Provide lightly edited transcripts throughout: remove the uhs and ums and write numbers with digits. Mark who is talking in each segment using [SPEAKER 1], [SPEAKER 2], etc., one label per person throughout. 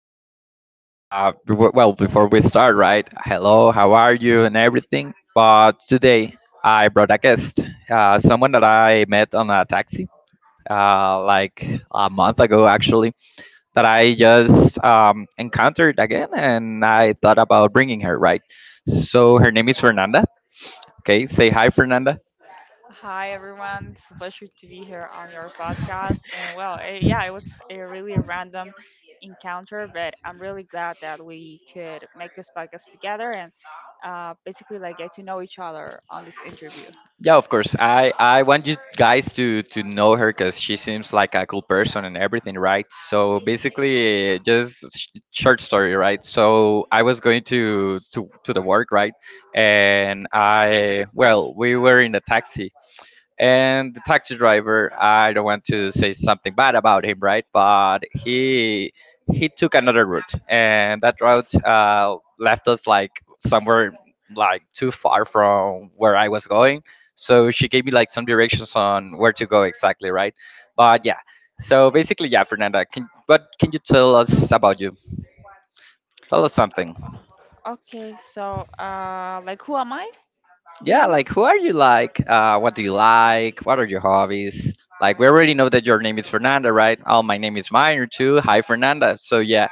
[SPEAKER 1] podcast, before we start, right? Hello, how are you, and everything. But today, I brought a guest, someone that I met on a taxi, like a month ago, actually, that I just encountered again, and I thought about bringing her, right? So her name is Fernanda. Okay, say hi, Fernanda.
[SPEAKER 2] Hi everyone, it's a pleasure to be here on your podcast. And well, yeah, it was a really random encounter, but I'm really glad that we could make this podcast together and basically like get to know each other on this interview.
[SPEAKER 1] Yeah, of course. I want you guys to know her because she seems like a cool person and everything, right? So basically, just short story, right? So I was going to the work, right? And I, well, we were in a taxi and the taxi driver, I don't want to say something bad about him, right? But he took another route, and that route left us like somewhere like too far from where I was going. So she gave me like some directions on where to go exactly, right? But yeah, so basically, yeah, Fernanda, what can you tell us about you? Tell us something.
[SPEAKER 2] O- Okay, so like who am I? Do you
[SPEAKER 1] Yeah,
[SPEAKER 2] mean?
[SPEAKER 1] like who are you like? What do you like? What are your hobbies? Like we already know that your name is Fernanda, right? Oh, my name is Minor too. Hi, Fernanda. So yeah,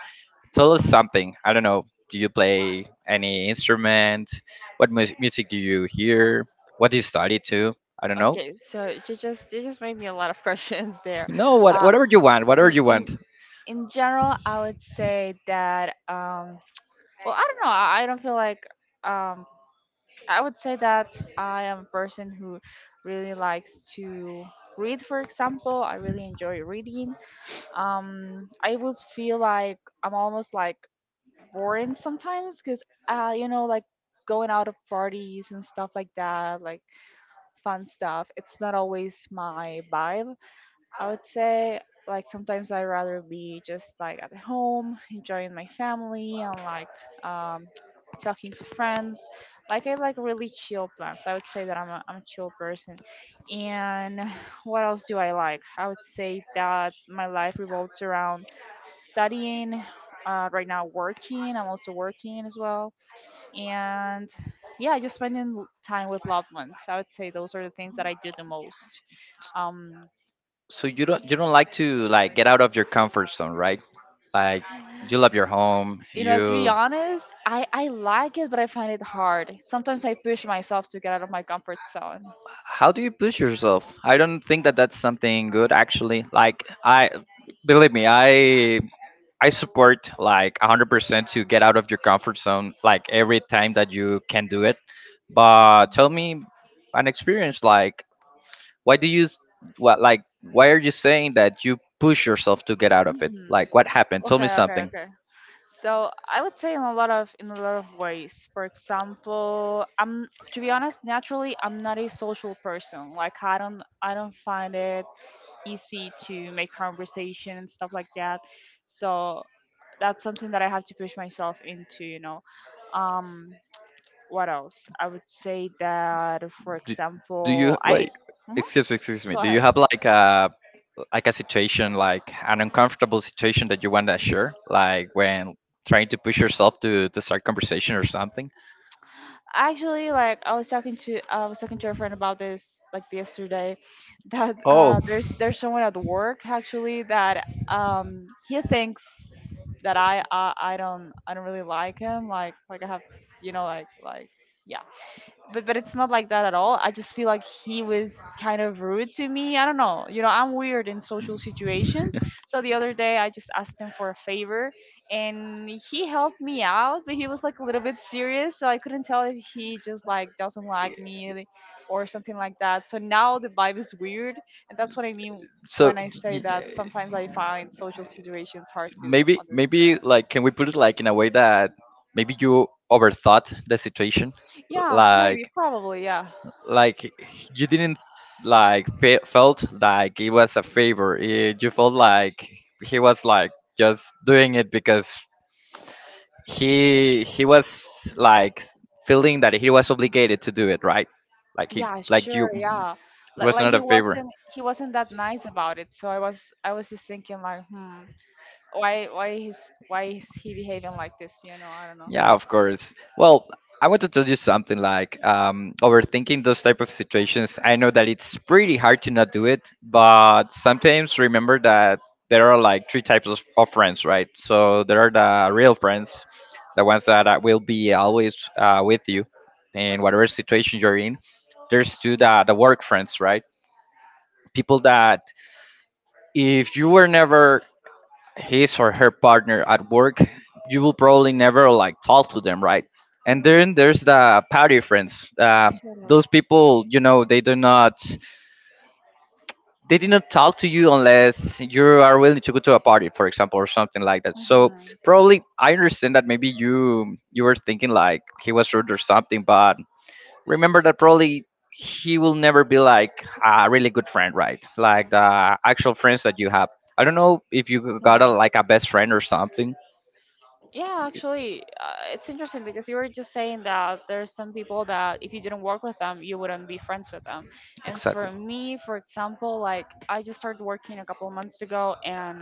[SPEAKER 1] tell us something. I don't know. Do you play any instrument? What music do you hear? What do you study too? I don't know.
[SPEAKER 2] Okay, so you just made me a lot of questions there.
[SPEAKER 1] No,
[SPEAKER 2] Uh,
[SPEAKER 1] whatever you want, whatever
[SPEAKER 2] in
[SPEAKER 1] you want.
[SPEAKER 2] in in general, I would say that well, I don't know. I don't feel like um I would say that I am a person who really likes to read, for example. I really enjoy reading. I would feel like I'm almost like boring sometimes because, you know, like going out of parties and stuff like that, like fun stuff, it's not always my vibe. I would say like sometimes I'd rather be just like at home, enjoying my family and like um talking to friends. Like I like really chill plans. I would say that I'm a chill person. And what else do I like? I would say that my life revolves around studying, right now working. I'm also working as well. And yeah, just spending time with loved ones. I would say those are the things that I do the most. Um
[SPEAKER 1] So you don't like to like get out of your comfort zone, right? Like you love your home.
[SPEAKER 2] You know, to be
[SPEAKER 1] You,
[SPEAKER 2] honest, I like it, but I find it hard. Sometimes I push myself to get out of my comfort zone.
[SPEAKER 1] how do you push yourself? I don't think that that's something good, actually. Like, I, believe me, I support like 100% to get out of your comfort zone, like every time that you can do it. But tell me an experience, like, why do you, what, like, why are you saying that you push yourself to get out of it?
[SPEAKER 2] hmm
[SPEAKER 1] Like, what happened? Tell me
[SPEAKER 2] Okay, okay,
[SPEAKER 1] something.
[SPEAKER 2] okay. So I would say in a lot of ways. For example, I'm to be honest, naturally I'm not a social person. Like I don't find it easy to make conversation and stuff like that. So that's something that I have to push myself into, you know. Um what else? I would say that, for
[SPEAKER 1] do, do you
[SPEAKER 2] example, I.
[SPEAKER 1] wait
[SPEAKER 2] Mhm.
[SPEAKER 1] excuse me, excuse me,
[SPEAKER 2] Go
[SPEAKER 1] do
[SPEAKER 2] ahead.
[SPEAKER 1] you have like a, like a situation, like an uncomfortable situation that you want to share, like when trying to push yourself to, start conversation or something?
[SPEAKER 2] Actually, like I was talking to a friend about this like yesterday, that
[SPEAKER 1] Oh,
[SPEAKER 2] there's someone at work actually that he thinks that I don't really like him like I have you know like yeah but it's not like that at all. I just feel like he was kind of rude to me. I don't know. You know, I'm weird in social situations. So the other day I just asked him for a favor and he helped me out, but he was like a little bit serious, so I couldn't tell if he just like doesn't like me or something like that. So now the vibe is weird, and that's what I mean
[SPEAKER 1] so
[SPEAKER 2] when I
[SPEAKER 1] y-
[SPEAKER 2] say that
[SPEAKER 1] y-
[SPEAKER 2] sometimes I find social situations hard to
[SPEAKER 1] maybe,
[SPEAKER 2] understand.
[SPEAKER 1] maybe like can we put it like in a way that maybe you overthought the situation,
[SPEAKER 2] Yeah, maybe,
[SPEAKER 1] like
[SPEAKER 2] probably, yeah.
[SPEAKER 1] like you didn't like felt like it was a favor. Eh, you felt like he was like just doing it because he was like feeling that he was obligated to do it, right? Like he,
[SPEAKER 2] Yeah,
[SPEAKER 1] like
[SPEAKER 2] sure,
[SPEAKER 1] you,
[SPEAKER 2] yeah.
[SPEAKER 1] it was
[SPEAKER 2] Like
[SPEAKER 1] not
[SPEAKER 2] he
[SPEAKER 1] a favor.
[SPEAKER 2] wasn't he wasn't that nice about it. So I was just thinking like, hmm, why why he's why is he behaving like this? You know, I don't know.
[SPEAKER 1] Yeah, of course. Well, I want to tell you something, like, overthinking those type of situations, I know that it's pretty hard to not do it, but sometimes remember that there are like three types of friends, right? So there are the real friends, the ones that will be always with you in whatever situation you're in. There's two, the work friends, right? People that, if you were never his or her partner at work, you will probably never like talk to them, right? And
[SPEAKER 2] Mm-hmm. Sure.
[SPEAKER 1] then there's the party friends. Those people, you know, they do not, they did not talk to you unless you are willing to go to a party, for example, or something like that. So probably I understand that maybe you were thinking like he was rude or something, but remember that probably he will never be like a really good friend, right? Like the actual friends that you have. I don't know if you
[SPEAKER 2] Mm-hmm.
[SPEAKER 1] got a,
[SPEAKER 2] Wow.
[SPEAKER 1] like a best friend or something.
[SPEAKER 2] Yeah, actually, it's interesting because you were just saying that there's some people that if you didn't work with them, you wouldn't be friends with them. And
[SPEAKER 1] Exactly.
[SPEAKER 2] for me, for example, like I just started working a couple of months ago, and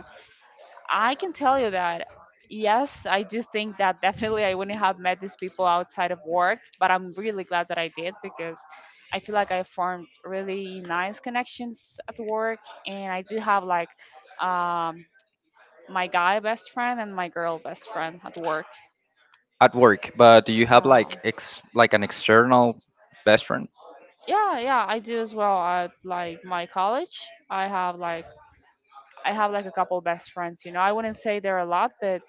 [SPEAKER 2] I can tell you that yes, I do think that definitely I wouldn't have met these people outside of work, but I'm really glad that I did because I feel like I formed really nice connections at work, and I do have like um, my guy best friend and my girl best friend at work.
[SPEAKER 1] At work, but do you have
[SPEAKER 2] Yeah.
[SPEAKER 1] like ex, like an external best friend?
[SPEAKER 2] Yeah, yeah, I do as well at like my college. I have like a couple best friends, you know. I wouldn't say they're a lot,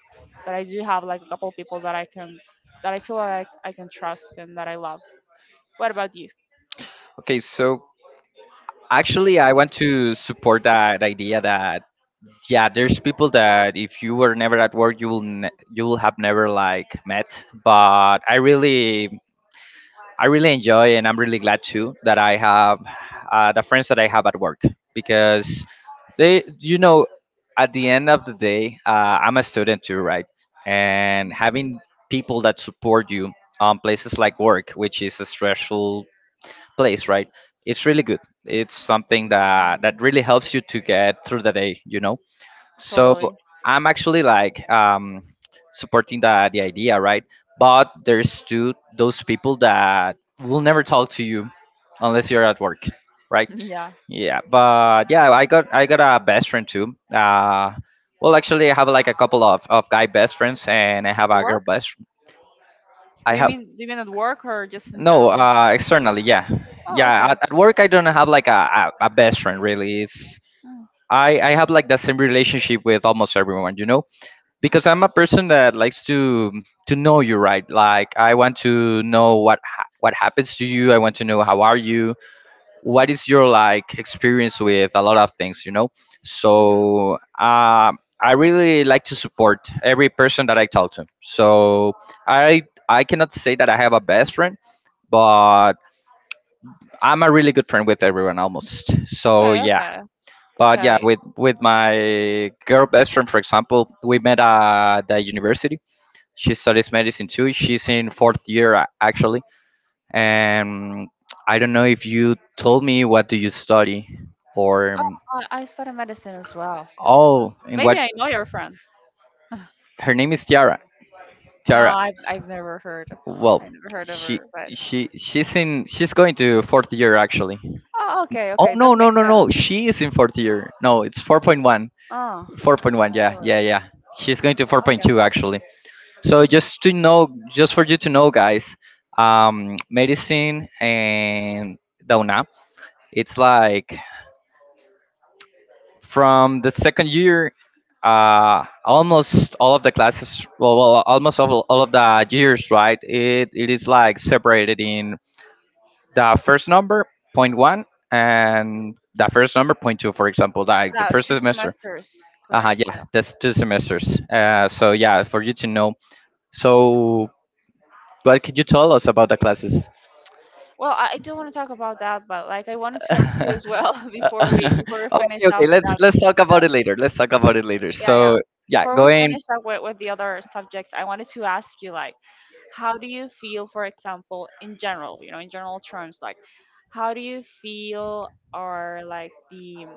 [SPEAKER 2] but I do have like a couple people that I can that I feel like I can trust and that I love. What about you?
[SPEAKER 1] Okay, so actually I want to support that idea that, yeah, there's people that if you were never at work, you will you will have never like met. But I really, I really enjoy, and I'm really glad too that I have the friends that I have at work because they, you know, at the end of the day, I'm a student too, right? And having people that support you on places like work, which is a stressful place, right? It's really good. It's something that really helps you to get through the day, you know. So
[SPEAKER 2] Totally.
[SPEAKER 1] I'm actually like supporting the idea, right? But there's still those people that will never talk to you unless you're at work, right?
[SPEAKER 2] Yeah.
[SPEAKER 1] Yeah, but yeah, I got a best friend too. Well, actually, I have like a couple of guy best friends, and I have
[SPEAKER 2] The
[SPEAKER 1] a girl
[SPEAKER 2] work?
[SPEAKER 1] best. I
[SPEAKER 2] Do you
[SPEAKER 1] have
[SPEAKER 2] mean do you mean at work or just in
[SPEAKER 1] no,
[SPEAKER 2] general?
[SPEAKER 1] externally, yeah,
[SPEAKER 2] Oh,
[SPEAKER 1] yeah.
[SPEAKER 2] okay.
[SPEAKER 1] At work, I don't have like a best friend, really. It's,
[SPEAKER 2] Mm,
[SPEAKER 1] I have like the same relationship with almost everyone, you know, because I'm a person that likes to know you, right. Like I want to know what what happens to you. I want to know how are you. What is your
[SPEAKER 2] mhm,
[SPEAKER 1] like experience with a lot of things, you know?
[SPEAKER 2] mhm.
[SPEAKER 1] So I really like to support every person that I talk to. So I I cannot say that I have a best friend, but I'm a really good friend with everyone almost. So
[SPEAKER 2] Okay,
[SPEAKER 1] yeah,
[SPEAKER 2] okay.
[SPEAKER 1] but yeah,
[SPEAKER 2] Okay.
[SPEAKER 1] with my girl best friend, for example, we met at the university. She studies medicine too. She's in fourth year, actually, and I don't know if you told me, what do you study? Or
[SPEAKER 2] Oh, I study medicine as well.
[SPEAKER 1] oh, in
[SPEAKER 2] Maybe
[SPEAKER 1] what?
[SPEAKER 2] I know your friend.
[SPEAKER 1] Her name is Tiara.
[SPEAKER 2] No,
[SPEAKER 1] Tiara.
[SPEAKER 2] I've never heard.
[SPEAKER 1] Well,
[SPEAKER 2] I never heard of
[SPEAKER 1] she
[SPEAKER 2] her, but
[SPEAKER 1] she she's in, she's going to fourth year actually.
[SPEAKER 2] oh, okay,
[SPEAKER 1] Oh
[SPEAKER 2] okay, that
[SPEAKER 1] no, no,
[SPEAKER 2] makes
[SPEAKER 1] no,
[SPEAKER 2] sense.
[SPEAKER 1] no, she is in fourth year, no, it's 4.1.
[SPEAKER 2] Oh,
[SPEAKER 1] 4.1, yeah, yeah,
[SPEAKER 2] really?
[SPEAKER 1] yeah. She's going to
[SPEAKER 2] Okay.
[SPEAKER 1] 4.2 actually. So just to know, just for you to know, guys, medicine and the UNAM, it's like from the second year, almost all of the classes, almost all of the years, right? It is like separated in the first number, point one, and the first number, point two, for example, like the
[SPEAKER 2] Now
[SPEAKER 1] first
[SPEAKER 2] two
[SPEAKER 1] semester.
[SPEAKER 2] semesters,
[SPEAKER 1] Uh-huh,
[SPEAKER 2] correct?
[SPEAKER 1] yeah,
[SPEAKER 2] Yeah.
[SPEAKER 1] that's two semesters. So, yeah, for you to know. So, what could you tell us about the classes?
[SPEAKER 2] Well, I do want to talk about that, but like I wanted to ask you as well
[SPEAKER 1] Uh,
[SPEAKER 2] before we
[SPEAKER 1] okay,
[SPEAKER 2] finish
[SPEAKER 1] okay.
[SPEAKER 2] up
[SPEAKER 1] Let's
[SPEAKER 2] that.
[SPEAKER 1] let's talk about it later. Let's talk about it later.
[SPEAKER 2] Yeah, yeah.
[SPEAKER 1] So yeah,
[SPEAKER 2] Before we
[SPEAKER 1] going.
[SPEAKER 2] finish up with, the other subject, I wanted to ask you like, how do you feel, for example, in general, you know, in general terms, like, how do you feel are like the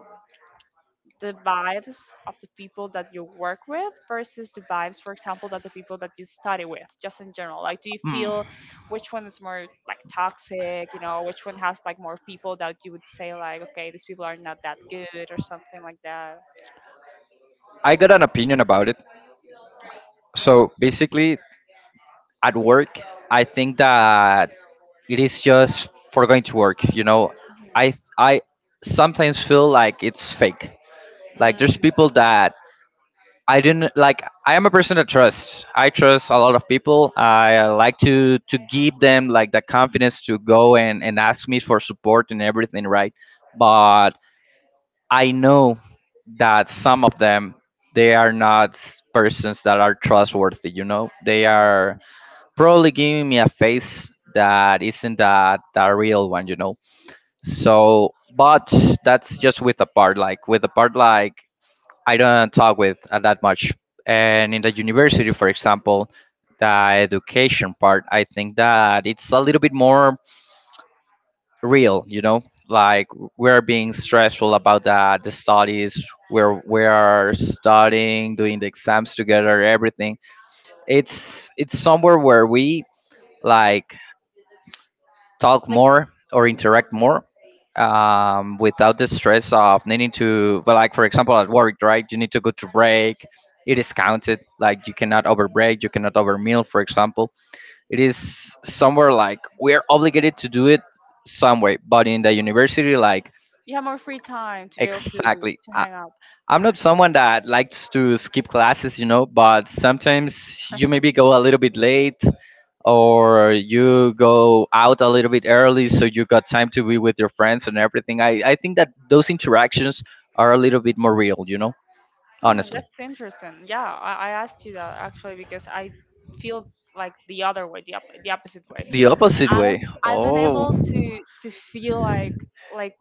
[SPEAKER 2] the vibes of the people that you work with versus the vibes, for example, that the people that you study with, just in general? Like, do you feel which one is more like toxic, you know, which one has like more people that you would say, like, okay, these people are not that good or something like that?
[SPEAKER 1] I got an opinion about it. So basically, at work, I think that it is just for going to work. You know, I I sometimes feel like it's fake. Like there's
[SPEAKER 2] Mm,
[SPEAKER 1] people that I didn't like. I am a person that trusts. I trust a lot of people. I, like to give them like the confidence to go and ask me for support and everything, right? But, I know that some of them, they are not persons that are trustworthy. You know, they
[SPEAKER 2] mm.
[SPEAKER 1] are probably giving me a face that isn't that a real one. You know, so but that's just with a part, like with a part, like I don't talk with that much. And in the university, for example, the education part, I think that it's a little bit more real, you know, like we're being stressful about the studies, we're studying, doing the exams together, everything. It's somewhere where we, like, talk
[SPEAKER 2] Like,
[SPEAKER 1] more or interact more, without the stress of needing to, but like, for example, at work, right, you need to go to break, it is counted, like you cannot over break, you cannot over meal, for example, it is somewhere like we're obligated to do it some way. But in the university, like,
[SPEAKER 2] you have more free time to be able
[SPEAKER 1] exactly.
[SPEAKER 2] to
[SPEAKER 1] I,
[SPEAKER 2] hang out.
[SPEAKER 1] I'm not someone that likes to skip classes, you know, but sometimes you maybe go a little bit late or you go out a little bit early so you got time to be with your friends and everything. I think that those interactions are a little bit more real, you know,
[SPEAKER 2] Hmm,
[SPEAKER 1] honestly.
[SPEAKER 2] that's interesting. Yeah, I asked you that actually because I feel like the other way, the opposite way.
[SPEAKER 1] The opposite
[SPEAKER 2] I've
[SPEAKER 1] way.
[SPEAKER 2] I've been
[SPEAKER 1] Oh,
[SPEAKER 2] able to feel like like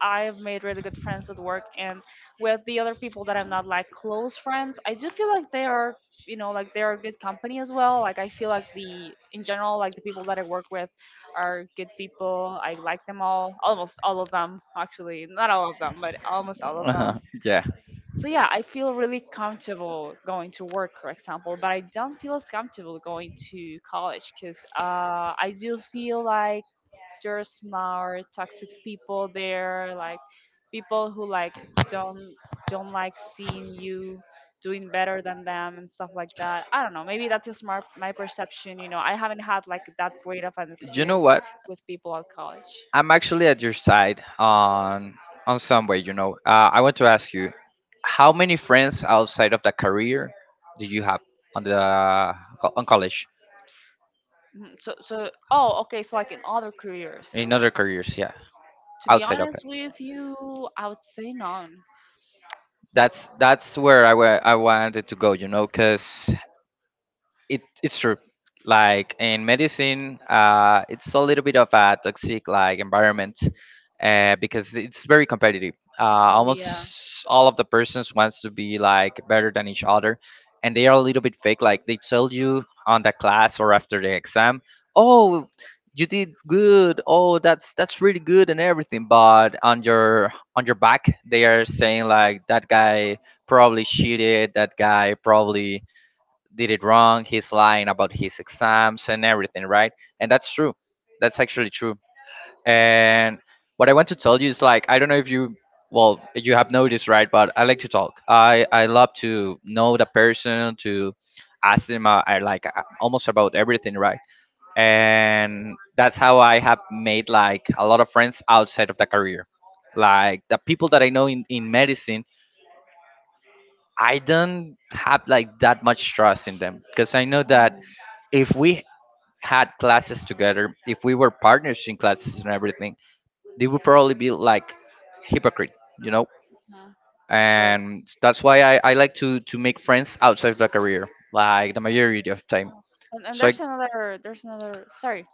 [SPEAKER 2] I've made really good friends at work and with the other people that I'm not like close friends, I do feel like they are you know like they are good company as well. Like I feel like the in general like the people that I work with are good people. I like them all, almost all of them actually, not all of them, but almost all of
[SPEAKER 1] uh
[SPEAKER 2] them
[SPEAKER 1] yeah.
[SPEAKER 2] so yeah, I feel really comfortable going to work, for example, but I don't feel as comfortable going to college because I do feel like there's more toxic people there, like people who like don't don't like seeing you doing better than them and stuff like that. I don't know. Maybe that's just my perception. You know, I haven't had like that great of an
[SPEAKER 1] You know
[SPEAKER 2] experience
[SPEAKER 1] what?
[SPEAKER 2] with people at college.
[SPEAKER 1] I'm actually at your side on some way, you know. I want to ask you, how many friends outside of the career do you have? On the on college,
[SPEAKER 2] Mhm, so so oh okay. So like in other careers.
[SPEAKER 1] in other careers, yeah,
[SPEAKER 2] To be
[SPEAKER 1] outside of it.
[SPEAKER 2] honest with you, I would say none.
[SPEAKER 1] That's where I I wanted to go, you know, because it, it's true. Like in medicine, it's a little bit of a toxic like environment, because it's very competitive.
[SPEAKER 2] It can be a
[SPEAKER 1] Almost all of the persons wants to be like better than each other, and they are a little bit fake. Like they tell you on the class or after the exam, oh, you did good. Oh, that's really good and everything. But on your, on your back, they are saying like that guy probably cheated. That guy probably did it wrong. He's lying about his exams and everything, right? And that's true. That's actually true. And what I want to tell you is like, I don't know if you, well, you have noticed, right? But I like to talk. I love to know the person, to ask them, I like almost about everything, right? And that's how I have made like a lot of friends outside of the career. Like the people that I know in medicine, I don't have like that much trust in them because I know that
[SPEAKER 2] Mhm.
[SPEAKER 1] if we had classes together, if we were partners in classes and everything, they would probably be like hypocrite, you know?
[SPEAKER 2] Sure.
[SPEAKER 1] And that's why I like to make friends outside of the career, like the majority of time.
[SPEAKER 2] And, and
[SPEAKER 1] So I,
[SPEAKER 2] there's another there's another sorry,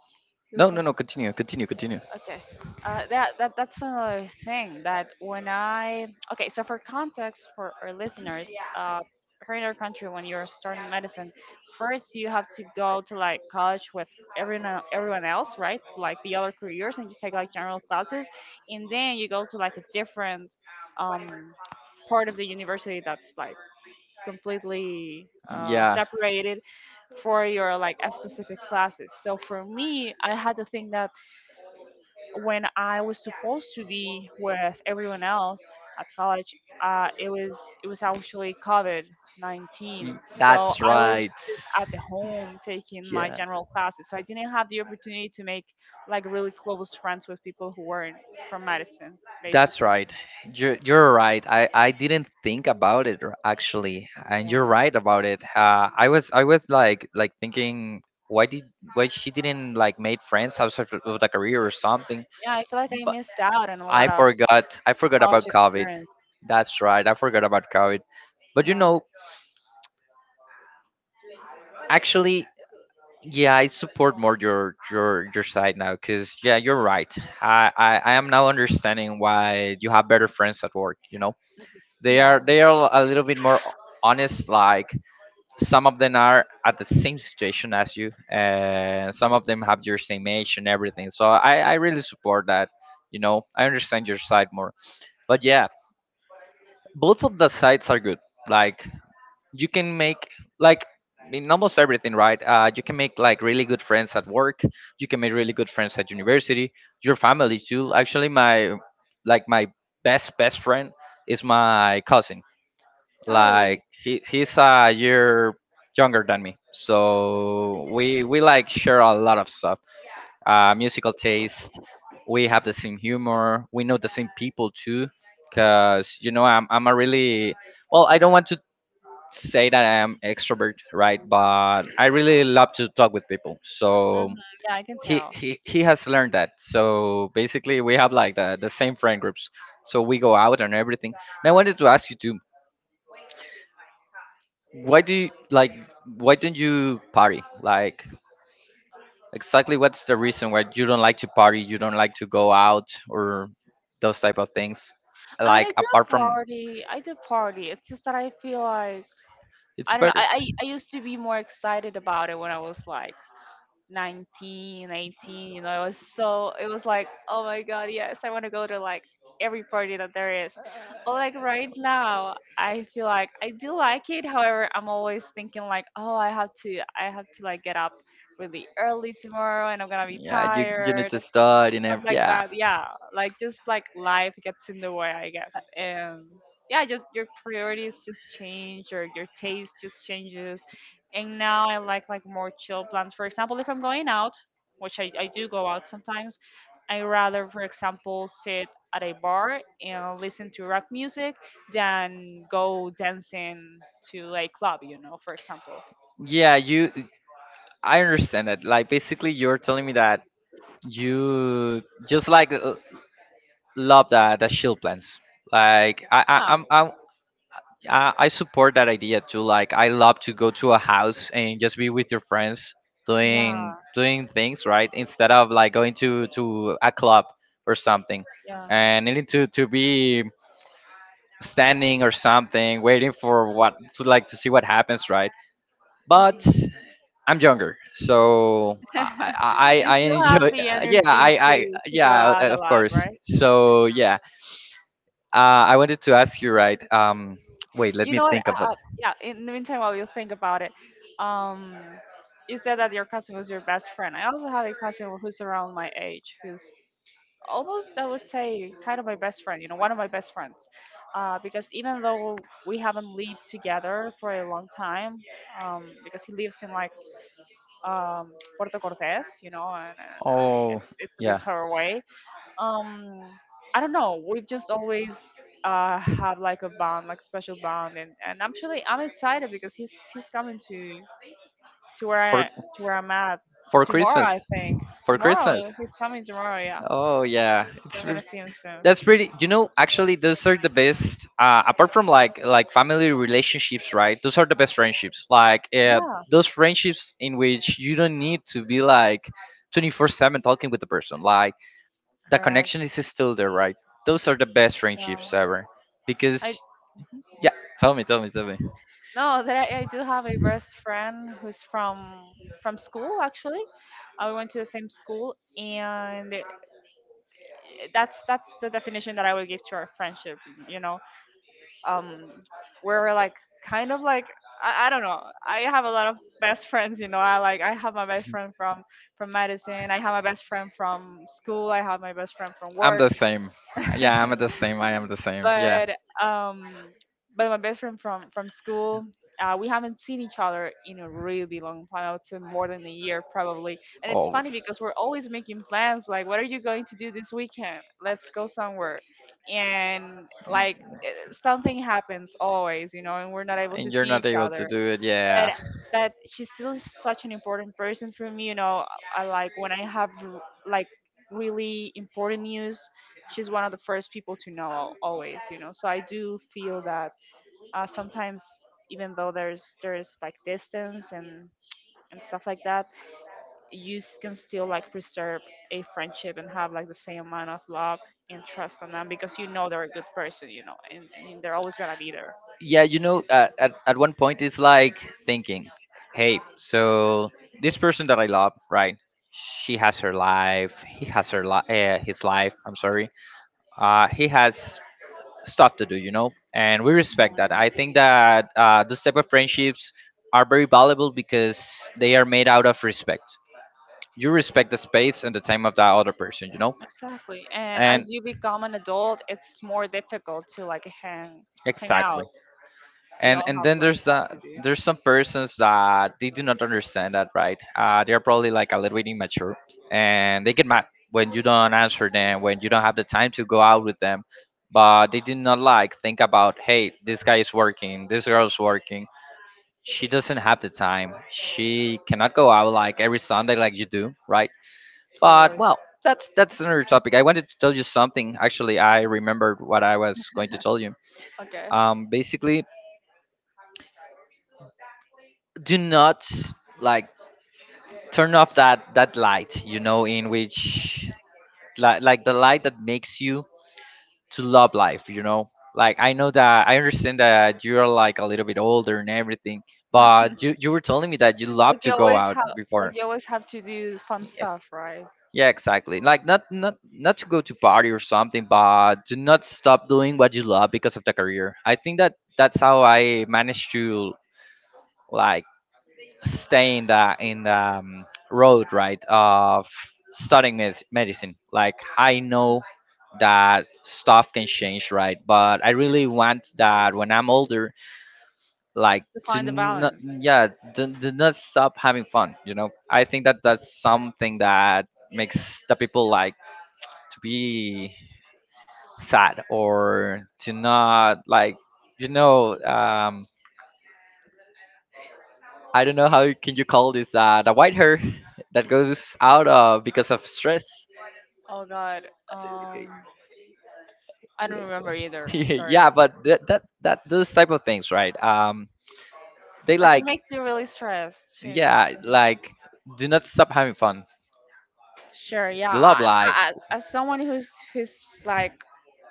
[SPEAKER 2] you were
[SPEAKER 1] no, no,
[SPEAKER 2] saying
[SPEAKER 1] no, continue, continue, continue.
[SPEAKER 2] Okay. That's another thing that when I okay, so for context for our listeners, uh, here in our country, when you're starting medicine, first you have to go to like college with everyone else, right? Like the other careers, and you take like general classes, and then you go to like a different um part of the university that's like completely
[SPEAKER 1] Yeah,
[SPEAKER 2] separated for your like a specific classes. So for me, I had to think that when I was supposed to be with everyone else at college, it was actually COVID 19. So
[SPEAKER 1] That's
[SPEAKER 2] I
[SPEAKER 1] right.
[SPEAKER 2] was just at the home taking my general classes. So I didn't have the opportunity to make like really close friends with people who weren't from medicine,
[SPEAKER 1] That's
[SPEAKER 2] basically.
[SPEAKER 1] right. You're right. I didn't think about it actually, and you're
[SPEAKER 2] Yeah,
[SPEAKER 1] right about it. I was like thinking why did why she didn't like made friends outside of the career or something.
[SPEAKER 2] yeah I feel like I
[SPEAKER 1] But
[SPEAKER 2] missed out on a lot
[SPEAKER 1] I
[SPEAKER 2] of
[SPEAKER 1] forgot I forgot
[SPEAKER 2] college
[SPEAKER 1] about COVID.
[SPEAKER 2] experience.
[SPEAKER 1] That's right. I forgot about COVID. But you
[SPEAKER 2] Yeah,
[SPEAKER 1] know, actually, yeah, I support more your side now because yeah, you're right. I am now understanding why you have better friends at work. You know, they are
[SPEAKER 2] yeah.
[SPEAKER 1] they are a little bit more honest. Like some of them are at the same situation as you, and some of them have your same age and everything, so I really support that, you know? I understand your side more. But yeah, both of the sides are good. Like, you can make like in almost everything, right? You can make like really good friends at work. You can make really good friends at university. Your family too. Actually, my best best friend is my cousin.
[SPEAKER 2] Oh, really?
[SPEAKER 1] Like he's a year younger than me, so we like share a lot of stuff. Musical taste. We have the same humor. We know the same people too, cause, you know, I'm a really well. I don't want to say that I'm extrovert, right? But I really love to talk with people.
[SPEAKER 2] Mm-hmm.
[SPEAKER 1] So
[SPEAKER 2] Yeah, I can
[SPEAKER 1] he
[SPEAKER 2] tell.
[SPEAKER 1] he he has learned that. So basically, we have like the same friend groups. So we go out and everything. And I wanted to ask you too. why do you like why don't you party? Like, exactly, what's the reason why you don't like to party, you don't like to go out, or those type of things,
[SPEAKER 2] I mean, I
[SPEAKER 1] like
[SPEAKER 2] do
[SPEAKER 1] apart from
[SPEAKER 2] party. I do party. It's just that I feel like
[SPEAKER 1] it's
[SPEAKER 2] I don't know. I,
[SPEAKER 1] better?
[SPEAKER 2] I I used to be more excited about it when I was like 19, 18, you know it was so it was like oh my god yes I want to go to like every party that there is but like right now I feel like I do like it however I'm always thinking like oh i have to like get up really early tomorrow and I'm gonna be
[SPEAKER 1] Yeah, you need
[SPEAKER 2] tired
[SPEAKER 1] to study and
[SPEAKER 2] stuff like
[SPEAKER 1] yeah.
[SPEAKER 2] that yeah like just like life gets in the way I guess and yeah just your priorities just change or your taste just changes and now I like more chill plans. For example, if I'm going out, which I do go out sometimes, I rather, for example, sit at a bar and listen to rock music than go dancing to a club, you know, for example.
[SPEAKER 1] Yeah, you, I understand it. Like, basically, you're telling me that you just like, love the shield plans. Like, i i
[SPEAKER 2] Yeah,
[SPEAKER 1] i'm i am I support that idea too. Like, I love to go to a house and just be with your friends doing
[SPEAKER 2] yeah,
[SPEAKER 1] doing things, right? Instead of like going to a club or something,
[SPEAKER 2] yeah.
[SPEAKER 1] and needing to be standing or something, waiting for what to like to see what happens, right? But
[SPEAKER 2] Mhm.
[SPEAKER 1] I'm younger, so I I, I
[SPEAKER 2] You
[SPEAKER 1] I
[SPEAKER 2] still have
[SPEAKER 1] enjoy.
[SPEAKER 2] the
[SPEAKER 1] Yeah,
[SPEAKER 2] energy to go out a
[SPEAKER 1] of
[SPEAKER 2] lot,
[SPEAKER 1] course.
[SPEAKER 2] right?
[SPEAKER 1] So yeah, I wanted to ask you, right? Wait, let
[SPEAKER 2] You
[SPEAKER 1] me
[SPEAKER 2] know what?
[SPEAKER 1] think about.
[SPEAKER 2] Yeah. In the meantime, while you think about it, um, you said that your cousin was your best friend. I also had a cousin who's around my age, who's almost, I would say, kind of my best friend. You know, one of my best friends. Because even though we haven't lived together for a long time, because he lives in like Puerto Cortes, you know, and
[SPEAKER 1] Oh.
[SPEAKER 2] it's a bit
[SPEAKER 1] Yeah,
[SPEAKER 2] far away. Um, I don't know, we've just always have like a bond, like special bond. And actually I'm excited because he's coming to where
[SPEAKER 1] for
[SPEAKER 2] I to where I'm at
[SPEAKER 1] for
[SPEAKER 2] tomorrow, I
[SPEAKER 1] Christmas.
[SPEAKER 2] think.
[SPEAKER 1] For
[SPEAKER 2] Tomorrow,
[SPEAKER 1] Christmas.
[SPEAKER 2] he's coming tomorrow, yeah.
[SPEAKER 1] Oh yeah,
[SPEAKER 2] So I'm gonna see him soon.
[SPEAKER 1] that's pretty. You know, actually, those are the best. Apart from like family relationships, right? Those are the best friendships. Like,
[SPEAKER 2] Yeah,
[SPEAKER 1] those friendships in which you don't need to be like 24/7 talking with the person. Like, the connection
[SPEAKER 2] correct.
[SPEAKER 1] is still there, right? Those are the best
[SPEAKER 2] Um,
[SPEAKER 1] friendships ever. Because,
[SPEAKER 2] I
[SPEAKER 1] yeah, tell me, tell me, tell me.
[SPEAKER 2] No, that I do have a best friend who's from school actually. We went to the same school, and that's the definition that I would give to our friendship, you know. Um, we're like kind of like, I don't know, I have a lot of best friends, you know. I like, I have my best friend from medicine, I have my best friend from school, I have my best friend from
[SPEAKER 1] I'm
[SPEAKER 2] work.
[SPEAKER 1] the same. Yeah, I'm the same. I am the same. Yeah.
[SPEAKER 2] But um, but my best friend from school, we haven't seen each other in a really long time. I would say more than a year probably. And it's
[SPEAKER 1] Oh,
[SPEAKER 2] funny because we're always making plans, like, what are you going to do this weekend, let's go somewhere. And like, something happens always, you know, and we're not able to
[SPEAKER 1] and
[SPEAKER 2] see
[SPEAKER 1] you're not
[SPEAKER 2] each
[SPEAKER 1] able to
[SPEAKER 2] other.
[SPEAKER 1] do it.
[SPEAKER 2] but
[SPEAKER 1] Yeah.
[SPEAKER 2] but she's still such an important person for me, you know. I like, when I have like really important news, she's one of the first people to know always, you know. So I do feel that sometimes, even though there's like distance and stuff like that, you can still like preserve a friendship and have like the same amount of love and trust on them, because you know they're a good person, you know. And they're always gonna be there.
[SPEAKER 1] Yeah, you know, at one point, it's like thinking, hey, so this person that I love, right, she has her life, he has her li- his life, I'm sorry. He has stuff to do, you know, and we respect that. I think that, those type of friendships are very valuable because they are made out of respect. You respect the space and the time of that other person, you know?
[SPEAKER 2] Exactly. And
[SPEAKER 1] And
[SPEAKER 2] as you become an adult, it's more difficult to like hang
[SPEAKER 1] exactly.
[SPEAKER 2] out. We
[SPEAKER 1] and
[SPEAKER 2] all
[SPEAKER 1] and
[SPEAKER 2] have
[SPEAKER 1] then
[SPEAKER 2] like
[SPEAKER 1] there's
[SPEAKER 2] stuff
[SPEAKER 1] the,
[SPEAKER 2] to do.
[SPEAKER 1] there's some persons that they do not understand that, right? They are probably like a little bit immature, and they get mad when you don't answer them, when you don't have the time to go out with them. But they do not like think about, hey, this guy is working, this girl's working, she doesn't have the time, she cannot go out like every Sunday like you do, right? But well, that's another topic. I wanted to tell you something. Actually, I remembered what I was going to tell you.
[SPEAKER 2] Okay.
[SPEAKER 1] Basically, do not like turn off that light, you know, in which, like the light that makes you to love life, you know? Like, I know that, I understand that you're like a little bit older and everything.
[SPEAKER 2] Like,
[SPEAKER 1] But you were telling me that you love to
[SPEAKER 2] you
[SPEAKER 1] go
[SPEAKER 2] always
[SPEAKER 1] out
[SPEAKER 2] have, like
[SPEAKER 1] before.
[SPEAKER 2] you always have to do fun
[SPEAKER 1] Yeah,
[SPEAKER 2] stuff, right?
[SPEAKER 1] yeah, exactly, like, not to go to party or something, but to not stop doing what you love because of the career. I think that that's how I managed to like stay in the road, right, of studying medicine. Like, I know that stuff can change, right, but I really want that when I'm older, like
[SPEAKER 2] To
[SPEAKER 1] to
[SPEAKER 2] find the
[SPEAKER 1] not,
[SPEAKER 2] balance.
[SPEAKER 1] yeah, to not stop having fun, you know? I think that that's something that makes the people like to be sad or to not like, you know? I don't know how can you call this, the white hair that goes out of because of stress.
[SPEAKER 2] Oh god. Um, I don't remember either. Sorry.
[SPEAKER 1] Yeah, but that those type of things, right? They
[SPEAKER 2] Like it
[SPEAKER 1] like
[SPEAKER 2] makes you really stressed too.
[SPEAKER 1] yeah, like, do not stop having fun,
[SPEAKER 2] Sure, yeah.
[SPEAKER 1] love
[SPEAKER 2] I,
[SPEAKER 1] life.
[SPEAKER 2] as someone who's like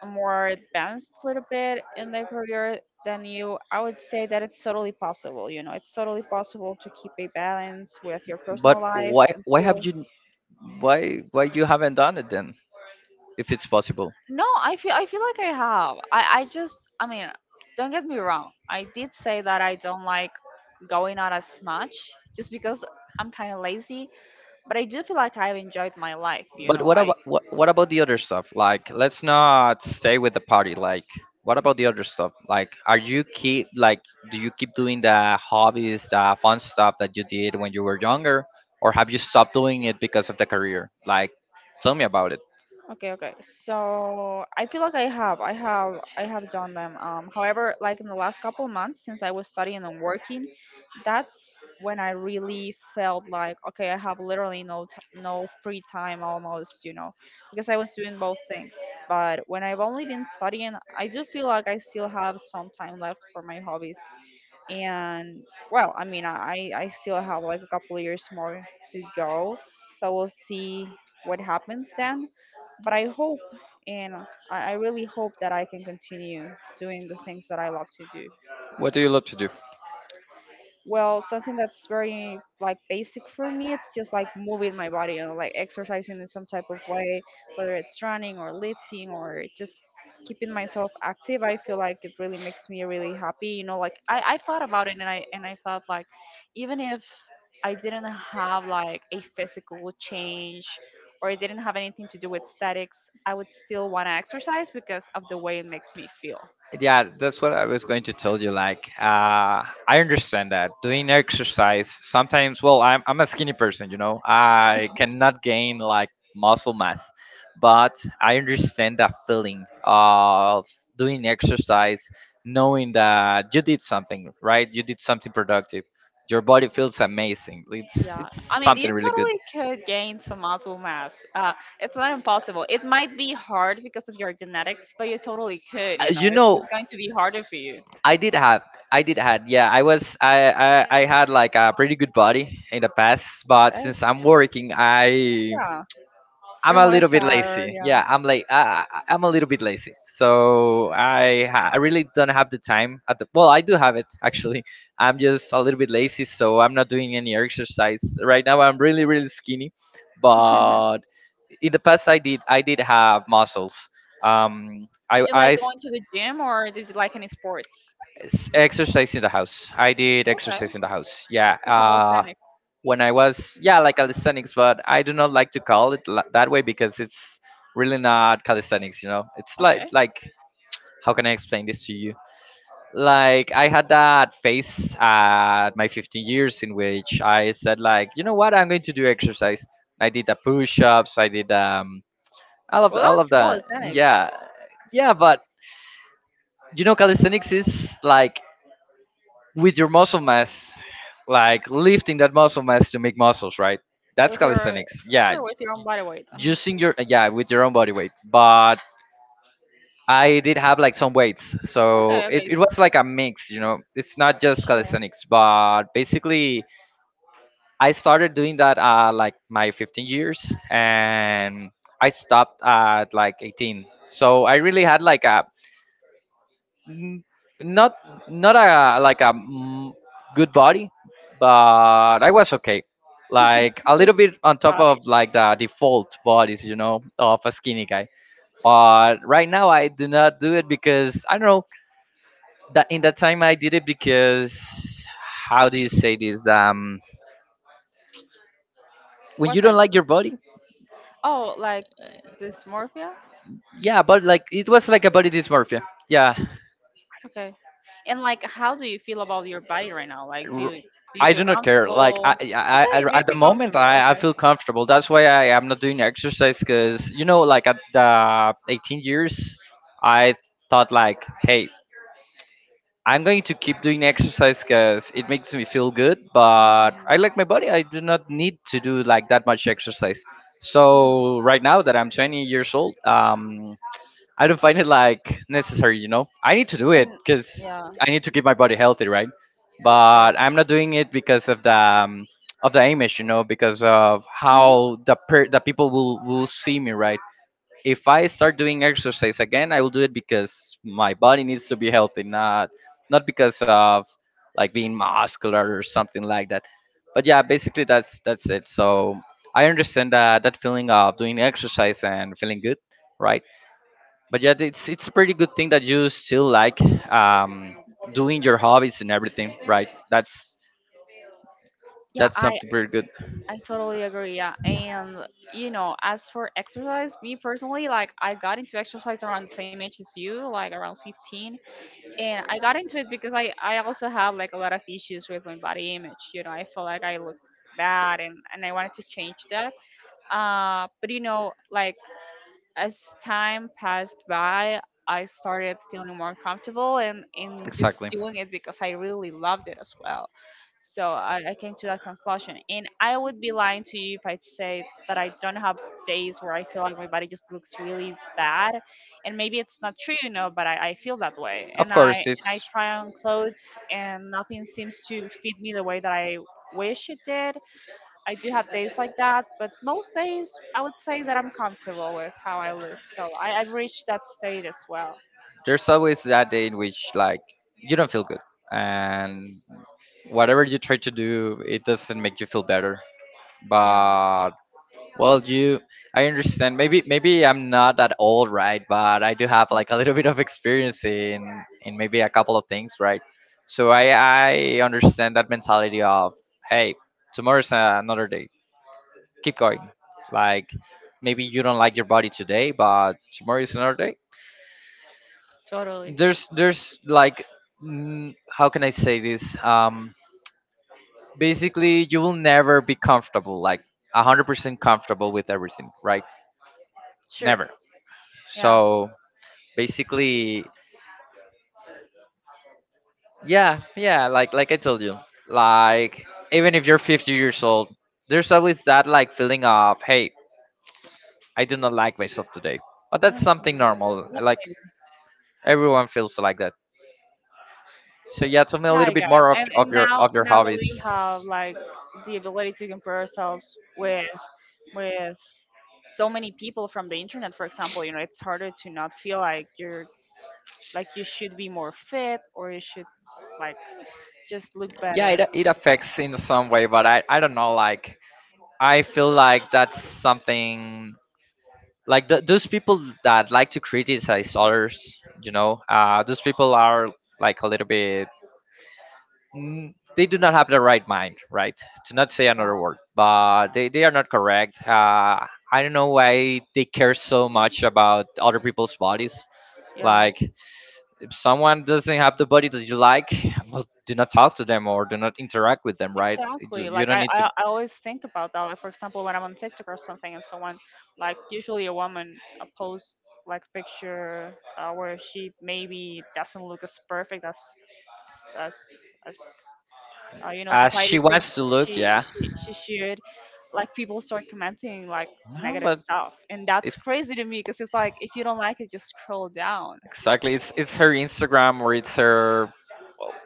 [SPEAKER 2] more advanced a little bit in their career than you, I would say that it's totally possible. You know, it's totally possible to keep a balance with your personal
[SPEAKER 1] But
[SPEAKER 2] life and still.
[SPEAKER 1] why you haven't done it then? If it's possible.
[SPEAKER 2] No, I feel, I feel like I have. I just, I mean, don't get me wrong. I did say that I don't like going out as much just because I'm kind of lazy, but I do feel like I've enjoyed my life. You
[SPEAKER 1] But
[SPEAKER 2] know, I.
[SPEAKER 1] what about the other stuff? Like, let's not stay with the party. Like, what about the other stuff? Like, are you keep like do you keep doing the hobbies, the fun stuff that you did when you were younger, or have you stopped doing it because of the career? Like, tell me about it.
[SPEAKER 2] Okay, okay. So I feel like I have done them. However, like in the last couple of months since I was studying and working, that's when I really felt like, okay, I have literally no free time almost, you know, because I was doing both things. But when I've only been studying, I do feel like I still have some time left for my hobbies. And well, I mean, I still have like a couple of years more to go, so we'll see what happens then. But I hope, and i, I really hope that I can continue doing the things that I love to do.
[SPEAKER 1] What do you love to do?
[SPEAKER 2] Well, something that's very like basic for me, it's just like moving my body, you know, like exercising in some type of way, whether it's running or lifting or just keeping myself active. I feel like it really makes me really happy. You know, like, I thought about it, and I thought like, even if I didn't have like a physical change or it didn't have anything to do with statics, I would still wanna exercise because of the way it makes me feel.
[SPEAKER 1] Yeah, that's what I was going to tell you. Like, I understand that doing exercise sometimes. Well, I'm a skinny person, you know. I cannot gain like muscle mass, but I understand that feeling of doing exercise, knowing that you did something right, you did something productive. Your body feels amazing. It's
[SPEAKER 2] Yeah,
[SPEAKER 1] it's
[SPEAKER 2] I mean, you
[SPEAKER 1] something really good.
[SPEAKER 2] totally could gain some muscle mass. It's not impossible. It might be hard because of your genetics, but you totally could, you know.
[SPEAKER 1] You
[SPEAKER 2] It's
[SPEAKER 1] know,
[SPEAKER 2] just going to be harder for you.
[SPEAKER 1] I did have. I did had yeah, I was I had like a pretty good body in the past, but
[SPEAKER 2] Yes.
[SPEAKER 1] since I'm working,
[SPEAKER 2] Yeah,
[SPEAKER 1] I'm
[SPEAKER 2] you're
[SPEAKER 1] a
[SPEAKER 2] more
[SPEAKER 1] little bit
[SPEAKER 2] tired,
[SPEAKER 1] lazy.
[SPEAKER 2] yeah.
[SPEAKER 1] Yeah, I'm like, I'm a little bit lazy, so I really don't have the time at the, well, I do have it actually. I'm just a little bit lazy, so I'm not doing any exercise right now. I'm really really skinny. But in the past, I did have muscles. I
[SPEAKER 2] Did you like
[SPEAKER 1] I
[SPEAKER 2] going to the gym or did you like any sports?
[SPEAKER 1] s- exercise in the house. I did
[SPEAKER 2] Okay,
[SPEAKER 1] exercise in the house. Yeah.
[SPEAKER 2] so calisthenics.
[SPEAKER 1] When I was, yeah, like calisthenics, but I do not like to call it that way because it's really not calisthenics. You know, it's like
[SPEAKER 2] Okay.
[SPEAKER 1] how can I explain this to you? Like, I had that phase at my 15 years in which I said like, you know what, I'm going to do exercise. I did the push-ups. I did
[SPEAKER 2] Well,
[SPEAKER 1] all of
[SPEAKER 2] that's
[SPEAKER 1] the,
[SPEAKER 2] calisthenics
[SPEAKER 1] yeah. Yeah, but you know, calisthenics is like with your muscle mass, like lifting that muscle mass to make muscles, right? That's
[SPEAKER 2] with your,
[SPEAKER 1] calisthenics. Yeah,
[SPEAKER 2] sure, with your own body weight.
[SPEAKER 1] using your, yeah, with your own body weight. But I did have like some weights, so
[SPEAKER 2] Okay, okay.
[SPEAKER 1] it was like a mix. You know, it's not just
[SPEAKER 2] Sure.
[SPEAKER 1] calisthenics, but basically I started doing that like my 15 years, and I stopped at like 18. So I really had like a n- not a, like a, good body, but I was okay. Like, a
[SPEAKER 2] With your
[SPEAKER 1] little bit on top
[SPEAKER 2] body.
[SPEAKER 1] of like the default bodies, you know, of a skinny guy. But right now I do not do it because I don't know that in that time I did it because, how do you say this? When
[SPEAKER 2] What
[SPEAKER 1] you don't
[SPEAKER 2] thing?
[SPEAKER 1] like your body,
[SPEAKER 2] Oh, like dysmorphia?
[SPEAKER 1] yeah, but like it was like a body dysmorphia. Yeah,
[SPEAKER 2] Okay. And like, how do you feel about your body right now? Like, do
[SPEAKER 1] r-
[SPEAKER 2] you, do you
[SPEAKER 1] I
[SPEAKER 2] feel
[SPEAKER 1] do not care. Like,
[SPEAKER 2] comfortable? Okay, do
[SPEAKER 1] I
[SPEAKER 2] you
[SPEAKER 1] at the
[SPEAKER 2] feel
[SPEAKER 1] moment,
[SPEAKER 2] comfortable?
[SPEAKER 1] I
[SPEAKER 2] Okay.
[SPEAKER 1] feel comfortable. That's why I am not doing exercise because like at the 18 years, I thought like, hey, I'm going to keep doing exercise because it makes me feel good. But
[SPEAKER 2] Mhm.
[SPEAKER 1] I like my body. I do not need to do like that much exercise.
[SPEAKER 2] Mhm.
[SPEAKER 1] So right now that I'm 20 years old, I don't find it like necessary, you know. I need to do it
[SPEAKER 2] And
[SPEAKER 1] because
[SPEAKER 2] yeah,
[SPEAKER 1] I need to keep my body healthy, right?
[SPEAKER 2] sure.
[SPEAKER 1] But I'm not doing it because of the image, you know, because of
[SPEAKER 2] Mhm.
[SPEAKER 1] how the people will see me, right? If I start doing exercise again, I will do it because my body needs to be healthy, not because of like being muscular or something like that. But yeah, basically that's it. So I understand that that feeling of doing exercise and feeling good, right? But yeah, it's a pretty good thing that you still like um doing your hobbies and everything, right? that's
[SPEAKER 2] Yeah,
[SPEAKER 1] that's something pretty good.
[SPEAKER 2] I totally agree. Yeah. And, you know, as for exercise, me personally, like, I got into exercise around the same age as you, like around 15. And I got into it because I also had, like, a lot of issues with my body image. You know, I felt like I looked bad and I wanted to change that. But, you know, like, as time passed by, I started feeling more comfortable and in just
[SPEAKER 1] Exactly.
[SPEAKER 2] doing it because I really loved it as well. So I came to that conclusion. And I would be lying to you if I'd say that I don't have days where I feel like my body just looks really bad. And maybe it's not true, you know, but I feel that way.
[SPEAKER 1] Of course.
[SPEAKER 2] And I
[SPEAKER 1] It's
[SPEAKER 2] try on clothes and nothing seems to fit me the way that I wish it did I do have days like that, but most days I would say that I'm comfortable with how I look. So I, I've reached that state as well.
[SPEAKER 1] There's always that day in which like you don't feel good, and whatever you try to do, it doesn't make you feel better.
[SPEAKER 2] Yeah,
[SPEAKER 1] But Well, you, I understand. Maybe I'm not that old, right? But I do have like a little bit of experience in maybe a couple of things, right? So I understand that mentality of hey, tomorrow's another day. Keep going. Like maybe you don't like your body today, but tomorrow is another day. There's like how can I say this? Basically, you will never be comfortable, like 100% comfortable with everything, right?
[SPEAKER 2] sure.
[SPEAKER 1] Never.
[SPEAKER 2] Yeah.
[SPEAKER 1] So basically, yeah like I told you, like even if you're 50 years old, there's always that like feeling of hey, I do not like myself today, but that's
[SPEAKER 2] Mhm.
[SPEAKER 1] something
[SPEAKER 2] Yeah,
[SPEAKER 1] normal. Like
[SPEAKER 2] maybe.
[SPEAKER 1] everyone feels like that. So yeah, tell me a
[SPEAKER 2] Yeah,
[SPEAKER 1] little
[SPEAKER 2] I
[SPEAKER 1] bit
[SPEAKER 2] guess.
[SPEAKER 1] more of,
[SPEAKER 2] And
[SPEAKER 1] your
[SPEAKER 2] now, now that we
[SPEAKER 1] hobbies.
[SPEAKER 2] have like the ability to compare ourselves with with so many people from the internet, for example, you know, it's harder to not feel like you're like you should be more fit or you should like. Just look
[SPEAKER 1] Yeah,
[SPEAKER 2] better.
[SPEAKER 1] it affects in some way, but I don't know. Like I feel like that's something like th those people that like to criticize others, you know. Those people are like a little bit they do not have the right mind, right? To not say another
[SPEAKER 2] Yeah,
[SPEAKER 1] word, but they are not correct. I don't know why they care so much about other people's bodies.
[SPEAKER 2] yeah,
[SPEAKER 1] Like, if someone doesn't have the body that you like, well, do not talk to them or do not interact with them, right? You
[SPEAKER 2] exactly.
[SPEAKER 1] you
[SPEAKER 2] Like,
[SPEAKER 1] don't need to.
[SPEAKER 2] I always think about that. Like, for example, when I'm on TikTok or something, and someone, like usually a woman, posts like a picture where she maybe doesn't look as perfect as as as you know,
[SPEAKER 1] As she
[SPEAKER 2] society thinks
[SPEAKER 1] wants to look,
[SPEAKER 2] she
[SPEAKER 1] yeah.
[SPEAKER 2] she she should. Like, people start commenting like
[SPEAKER 1] No,
[SPEAKER 2] negative
[SPEAKER 1] but
[SPEAKER 2] stuff, and that's
[SPEAKER 1] it's
[SPEAKER 2] crazy to me because it's like, if you don't like it, just scroll down.
[SPEAKER 1] exactly it's her Instagram or it's her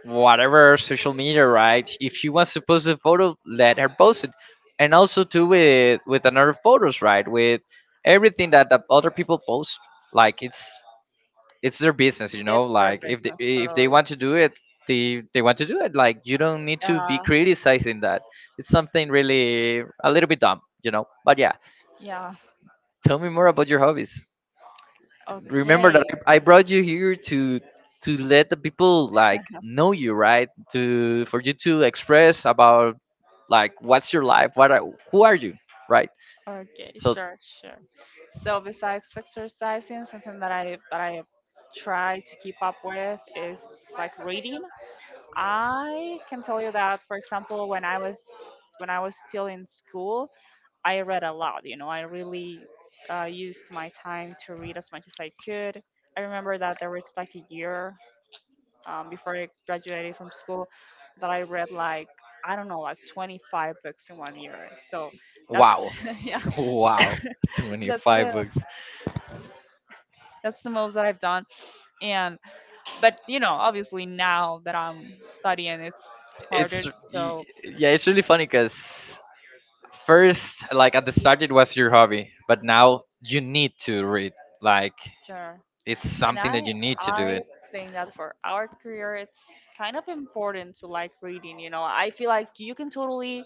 [SPEAKER 1] whatever social media, right? If she wants to post a photo, let her post it, and also do with another photos, right? With everything that the other people post, like it's their business, you know.
[SPEAKER 2] It's your
[SPEAKER 1] Like
[SPEAKER 2] business,
[SPEAKER 1] if they
[SPEAKER 2] totally. Right.
[SPEAKER 1] want to do it, they want to do it. Like you don't need to be
[SPEAKER 2] Yeah,
[SPEAKER 1] criticizing that. It's something really a little bit dumb, you know. But yeah,
[SPEAKER 2] yeah.
[SPEAKER 1] tell me more about your hobbies. Remember that
[SPEAKER 2] Okay,
[SPEAKER 1] I brought you here to let the people like know you, right, to for you to express about like what's your life, who are you, right?
[SPEAKER 2] okay,
[SPEAKER 1] So
[SPEAKER 2] sure, sure. So besides exercising, something that I try to keep up with is like reading. I can tell you that, for example, when I was, when I was still in school, I read a lot. You know, I really used my time to read as much as I could. I remember that there was like a year before I graduated from school that I read like, I don't know, like 25 books in one year. So that's
[SPEAKER 1] wow.
[SPEAKER 2] yeah,
[SPEAKER 1] Wow,
[SPEAKER 2] that's
[SPEAKER 1] 25 books.
[SPEAKER 2] the most that I've done. And but you know, obviously now that I'm studying, it's harder.
[SPEAKER 1] It's y-
[SPEAKER 2] So
[SPEAKER 1] yeah, it's really funny because first like at the start it was your hobby, but now you need to read, like
[SPEAKER 2] sure.
[SPEAKER 1] it's
[SPEAKER 2] And
[SPEAKER 1] something
[SPEAKER 2] I
[SPEAKER 1] that you need to do
[SPEAKER 2] I
[SPEAKER 1] it.
[SPEAKER 2] think that for our career, it's kind of important to like reading. You know, I feel like you can totally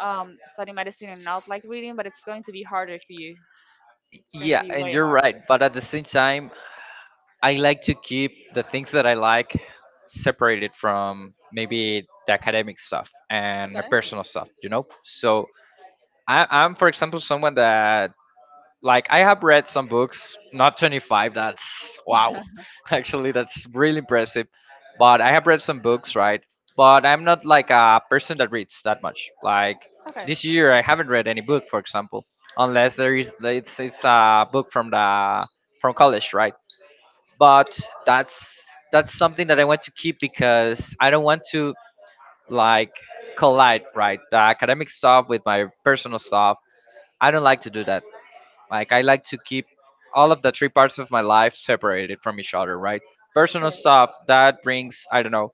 [SPEAKER 2] study medicine and not like reading, but it's going to be harder for you. It's going to
[SPEAKER 1] Yeah,
[SPEAKER 2] be
[SPEAKER 1] and
[SPEAKER 2] way
[SPEAKER 1] you're
[SPEAKER 2] harder.
[SPEAKER 1] right, but at the same time I like to keep the things that I like separated from maybe the academic stuff and my
[SPEAKER 2] Okay.
[SPEAKER 1] personal stuff, you know? So for example, someone that, like, I have read some books, not 25, that's wow. Actually, that's really impressive. But I have read some books, right? But I'm not like a person that reads that much. Like,
[SPEAKER 2] Okay.
[SPEAKER 1] this year, I haven't read any book, for example, unless there is, it's a book from from college, right? But that's that's something that I want to keep because I don't want to like collide, right, the academic stuff with my personal stuff. I don't like to do that. Like I like to keep all of the three parts of my life separated from each other, right? Personal
[SPEAKER 2] Sure.
[SPEAKER 1] stuff that brings, I don't know,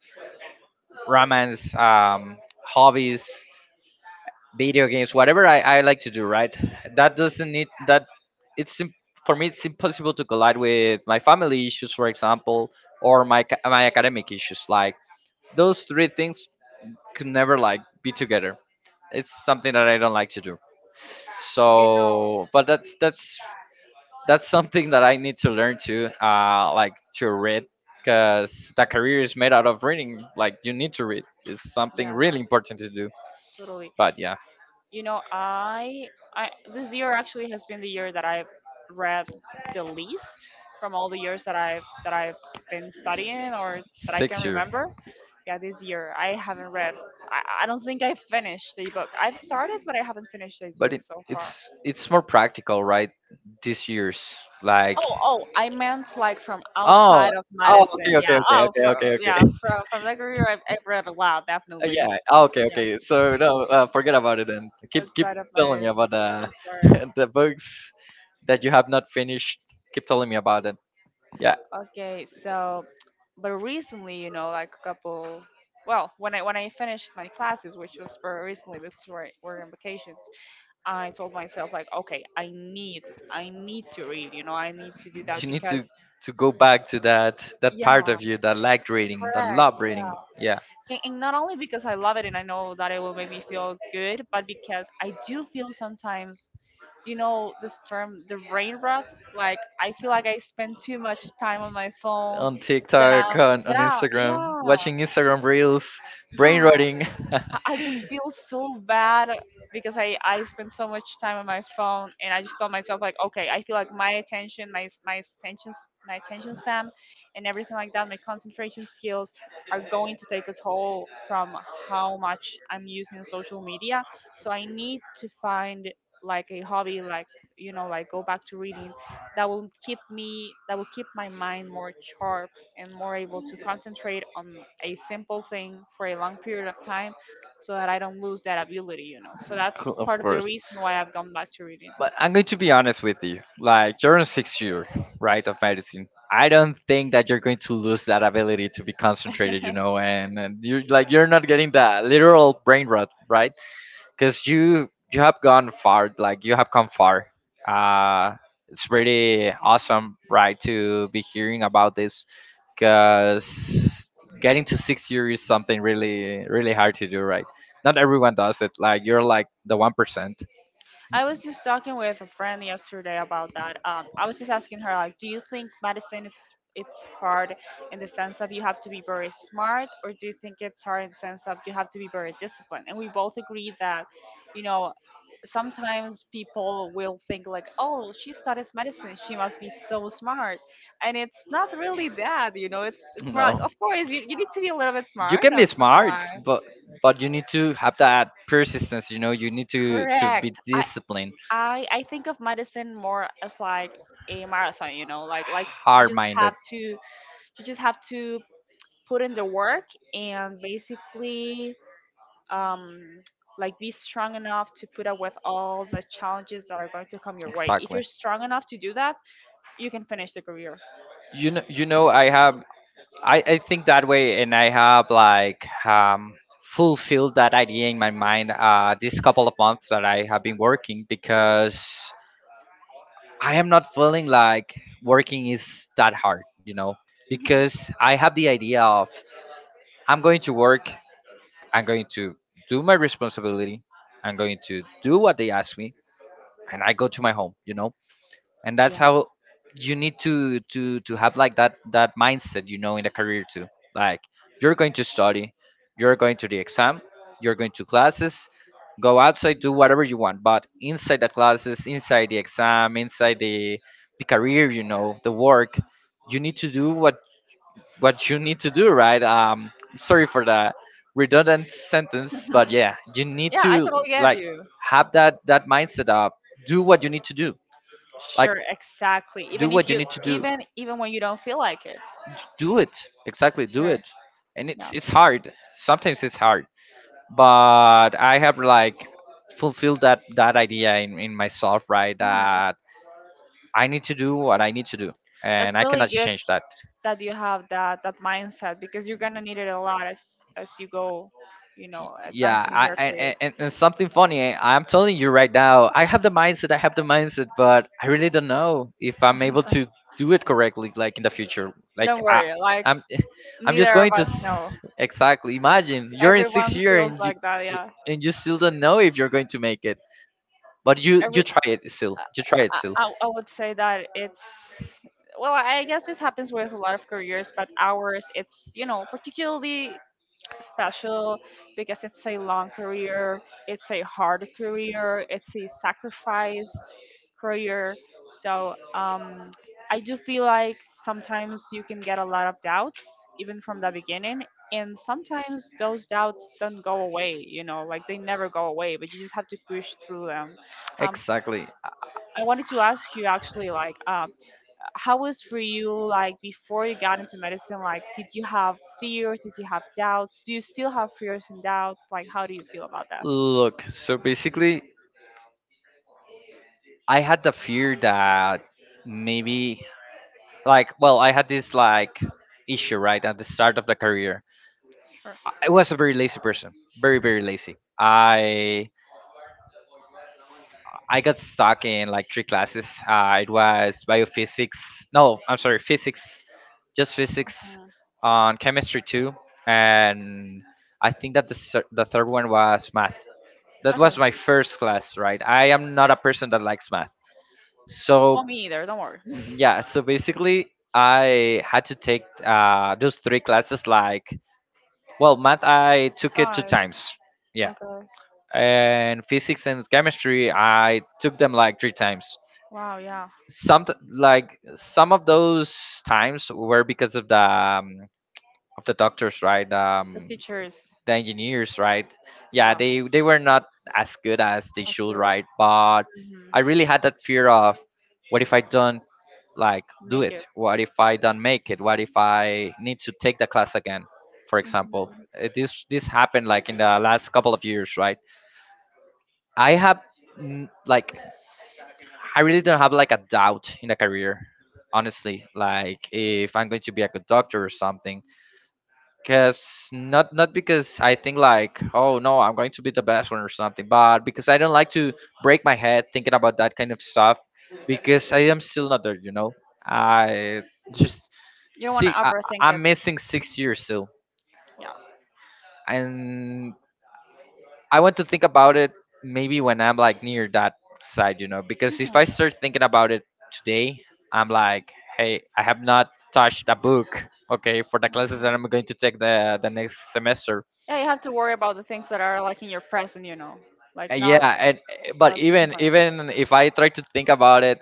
[SPEAKER 1] romance, hobbies, video games, whatever I like to do, right? That doesn't need that. It's im- for me, it's impossible to collide with my family issues, for example, or my academic issues. Like those three things could never like be together. It's something that I don't like to do.
[SPEAKER 2] You know,
[SPEAKER 1] So, but that's something that I need to learn to like to read because the career is made out of reading. Like you need to read. It's something
[SPEAKER 2] yeah,
[SPEAKER 1] really important to do.
[SPEAKER 2] totally.
[SPEAKER 1] But yeah,
[SPEAKER 2] You know, I, this year actually has been the year that I've read the least from all the years that I've been studying or that I can
[SPEAKER 1] 6 year.
[SPEAKER 2] remember. Yeah, this year I haven't read, I don't think I finished the book I've started, but I haven't finished the
[SPEAKER 1] But
[SPEAKER 2] book so far.
[SPEAKER 1] it's more practical, right? This year's like
[SPEAKER 2] Oh, oh, I meant like from
[SPEAKER 1] oh
[SPEAKER 2] outside of
[SPEAKER 1] oh okay
[SPEAKER 2] medicine.
[SPEAKER 1] okay
[SPEAKER 2] Yeah.
[SPEAKER 1] okay
[SPEAKER 2] Oh,
[SPEAKER 1] okay
[SPEAKER 2] from,
[SPEAKER 1] okay okay
[SPEAKER 2] yeah, from that career I've read a lot definitely.
[SPEAKER 1] Yeah ah, okay
[SPEAKER 2] Yeah,
[SPEAKER 1] okay, so no, forget about it then. Keep
[SPEAKER 2] outside of
[SPEAKER 1] telling me
[SPEAKER 2] medicine,
[SPEAKER 1] about the
[SPEAKER 2] yeah.
[SPEAKER 1] the books that you have not finished. Keep telling me about it, yeah.
[SPEAKER 2] Sorry, okay, so, but recently, you know, like a couple, well, when I finished my classes, which was very recently because we're on vacation, I told myself like, okay, I need to read, you know, I need to do that
[SPEAKER 1] You need to
[SPEAKER 2] because,
[SPEAKER 1] go back to that part
[SPEAKER 2] yeah,
[SPEAKER 1] of you that liked reading, that
[SPEAKER 2] correct,
[SPEAKER 1] loved
[SPEAKER 2] yeah.
[SPEAKER 1] reading. Yeah.
[SPEAKER 2] And not only because I love it and I know that it will make me feel good, but because I do feel sometimes, you know, this term, the brain rot. Like I feel like I spend too much time on my phone.
[SPEAKER 1] On
[SPEAKER 2] That
[SPEAKER 1] TikTok,
[SPEAKER 2] I'm, that
[SPEAKER 1] on
[SPEAKER 2] I,
[SPEAKER 1] Instagram,
[SPEAKER 2] Yeah,
[SPEAKER 1] watching Instagram reels, brain
[SPEAKER 2] yeah. I
[SPEAKER 1] rotting.
[SPEAKER 2] I just feel so bad because I spend so much time on my phone, and I just told myself like, okay, I feel like my attention, my s- my attention span and everything like that, my concentration skills are going to take a toll from how much I'm using social media. So I need to find like a hobby, like, you know, like go back to reading, that will keep me, that will keep my mind more sharp and more able to concentrate on a simple thing for a long period of time, so that I don't lose that ability, you know. So that's
[SPEAKER 1] Of
[SPEAKER 2] part of the
[SPEAKER 1] course.
[SPEAKER 2] reason why I've gone back to reading.
[SPEAKER 1] But I'm going to be honest with you. Like, you're in 6th year, right, of medicine. I don't think that you're going to lose that ability to be concentrated, you know, and you're like, you're not getting that literal brain rot, right? Because you have gone far, like you have come far. uh it's pretty awesome, right, to be hearing about this because getting to 6 years is something really really hard to do, right? Not everyone does it. Like you're like the 1%.
[SPEAKER 2] I was just talking with a friend yesterday about that. I was just asking her, like, do you think medicine it's hard in the sense of you have to be very smart, or do you think it's hard in the sense of you have to be very disciplined? And we both agreed that, you know, sometimes people will think like, oh, she studies medicine, she must be so smart, and it's not really that. It's more like,
[SPEAKER 1] No,
[SPEAKER 2] of course, you need to be a little bit
[SPEAKER 1] you
[SPEAKER 2] smart.
[SPEAKER 1] can
[SPEAKER 2] No,
[SPEAKER 1] be
[SPEAKER 2] not gonna lie.
[SPEAKER 1] smart, but you need to have that persistence, you know. You need to be
[SPEAKER 2] Correct. I
[SPEAKER 1] disciplined,
[SPEAKER 2] I think of medicine more as like a marathon, you know, like you
[SPEAKER 1] hard
[SPEAKER 2] just
[SPEAKER 1] minded.
[SPEAKER 2] have to you just have to put in the work and basically um like be strong enough to put up with all the challenges that are going to come your way. If
[SPEAKER 1] Exactly.
[SPEAKER 2] you're strong enough to do that, you can finish the career.
[SPEAKER 1] You know, you know, I have, I think that way, and I have like fulfilled that idea in my mind, this couple of months that I have been working because I am not feeling like working is that hard, you know,
[SPEAKER 2] Hmm.
[SPEAKER 1] because I have the idea of I'm going to work, I'm going to do my responsibility. I'm going to do what they ask me, and I go to my home. You know, and that's
[SPEAKER 2] Yeah.
[SPEAKER 1] how you need to have like that mindset. You know, in the career too. Like you're going to study, you're going to the exam, you're going to classes. Go outside, do whatever you want, but inside the classes, inside the exam, inside the career, you know, the work, you need to do what you need to do, right? Sorry for the redundant sentence, but yeah, you need
[SPEAKER 2] Yeah, I
[SPEAKER 1] to
[SPEAKER 2] totally get
[SPEAKER 1] like
[SPEAKER 2] you.
[SPEAKER 1] have that mindset of do what you need to do. Like
[SPEAKER 2] Sure, exactly.
[SPEAKER 1] do
[SPEAKER 2] Even if
[SPEAKER 1] what you
[SPEAKER 2] you
[SPEAKER 1] need to do.
[SPEAKER 2] even even when you don't feel like it.
[SPEAKER 1] Do it exactly. Do
[SPEAKER 2] Sure.
[SPEAKER 1] it, and
[SPEAKER 2] No.
[SPEAKER 1] it's hard. Sometimes it's hard, but I have like fulfilled that idea in myself, right?
[SPEAKER 2] Mhm.
[SPEAKER 1] That I need to do what I need to do, and
[SPEAKER 2] That's
[SPEAKER 1] I
[SPEAKER 2] really
[SPEAKER 1] cannot
[SPEAKER 2] good
[SPEAKER 1] change that.
[SPEAKER 2] that you have that mindset because you're gonna need it a lot as you go, you know,
[SPEAKER 1] Yeah,
[SPEAKER 2] advancing in
[SPEAKER 1] I,
[SPEAKER 2] your
[SPEAKER 1] I
[SPEAKER 2] career.
[SPEAKER 1] and, and something funny, I'm telling you right now, I have the mindset, I have the mindset, but I really don't know if I'm able to do it correctly, like in the future. Like
[SPEAKER 2] Don't
[SPEAKER 1] I
[SPEAKER 2] worry, like
[SPEAKER 1] I'm I'm just
[SPEAKER 2] neither of
[SPEAKER 1] going to
[SPEAKER 2] us
[SPEAKER 1] s-
[SPEAKER 2] know.
[SPEAKER 1] Exactly, imagine you're in sixth
[SPEAKER 2] Everyone
[SPEAKER 1] year
[SPEAKER 2] feels
[SPEAKER 1] and
[SPEAKER 2] like that, yeah.
[SPEAKER 1] you still don't know if you're going to make it, but you
[SPEAKER 2] Every
[SPEAKER 1] try it still, you try it still
[SPEAKER 2] I would say that it's well, I guess this happens with a lot of careers, but ours, it's you know particularly special because it's a long career, it's a hard career, it's a sacrificed career. So I do feel like sometimes you can get a lot of doubts even from the beginning. And sometimes those doubts don't go away, you know, like they never go away, but you just have to push through them. Um,
[SPEAKER 1] Exactly.
[SPEAKER 2] I wanted to ask you actually, like, how was for you like before you got into medicine? Like, did you have fears? Did you have doubts? Do you still have fears and doubts? Like, how do you feel about that?
[SPEAKER 1] Look, so basically I had the fear that maybe like, I had this like issue right at the start of the career.
[SPEAKER 2] Sure.
[SPEAKER 1] I was a very lazy person, very lazy. I got stuck in like 3 classes. It was biophysics, no, I'm sorry, physics, just physics,
[SPEAKER 2] Mhm.
[SPEAKER 1] on chemistry too, and I think that the third one was math. That
[SPEAKER 2] Okay.
[SPEAKER 1] was my first class, right? I am not a person that likes math. So
[SPEAKER 2] Well, me either. Don't worry.
[SPEAKER 1] yeah, so basically I had to take, those 3 classes like, well, math I took it two
[SPEAKER 2] Nice.
[SPEAKER 1] times. Yeah.
[SPEAKER 2] Okay.
[SPEAKER 1] And physics and chemistry I took them like 3 times.
[SPEAKER 2] Wow, yeah.
[SPEAKER 1] Some, some of those times were because of the doctors, right?
[SPEAKER 2] The teachers.
[SPEAKER 1] The engineers, right? Yeah,
[SPEAKER 2] Yeah,
[SPEAKER 1] they were not as good as they
[SPEAKER 2] that's
[SPEAKER 1] should,
[SPEAKER 2] good.
[SPEAKER 1] right? But
[SPEAKER 2] Hmm.
[SPEAKER 1] I really had that fear of what if I don't like do
[SPEAKER 2] Make it.
[SPEAKER 1] it? What if I don't make it? What if I need to take the class again? For example,
[SPEAKER 2] Hmm.
[SPEAKER 1] This happened like in the last couple of years, right? I have like I really don't have like a doubt in the career, honestly. Like if I'm going to be a good doctor or something because not because I think like, oh no, I'm going to be the best one or something, but because I don't like to break my head thinking about that kind of stuff because I am still not there, you know. I just
[SPEAKER 2] You don't want to
[SPEAKER 1] see I,
[SPEAKER 2] overthink it.
[SPEAKER 1] I'm missing 6 years still,
[SPEAKER 2] Yeah.
[SPEAKER 1] and I want to think about it maybe when I'm like near that side, you know, because if
[SPEAKER 2] Mhm.
[SPEAKER 1] I start thinking about it today, I'm like, hey, I have not touched a book. Okay, for the classes that
[SPEAKER 2] Mhm.
[SPEAKER 1] I'm going to take the next semester.
[SPEAKER 2] Yeah, you have to worry about the things that are like in your present, you know, like not
[SPEAKER 1] Yeah, and but
[SPEAKER 2] about
[SPEAKER 1] even
[SPEAKER 2] consequences.
[SPEAKER 1] even if I try to think about it,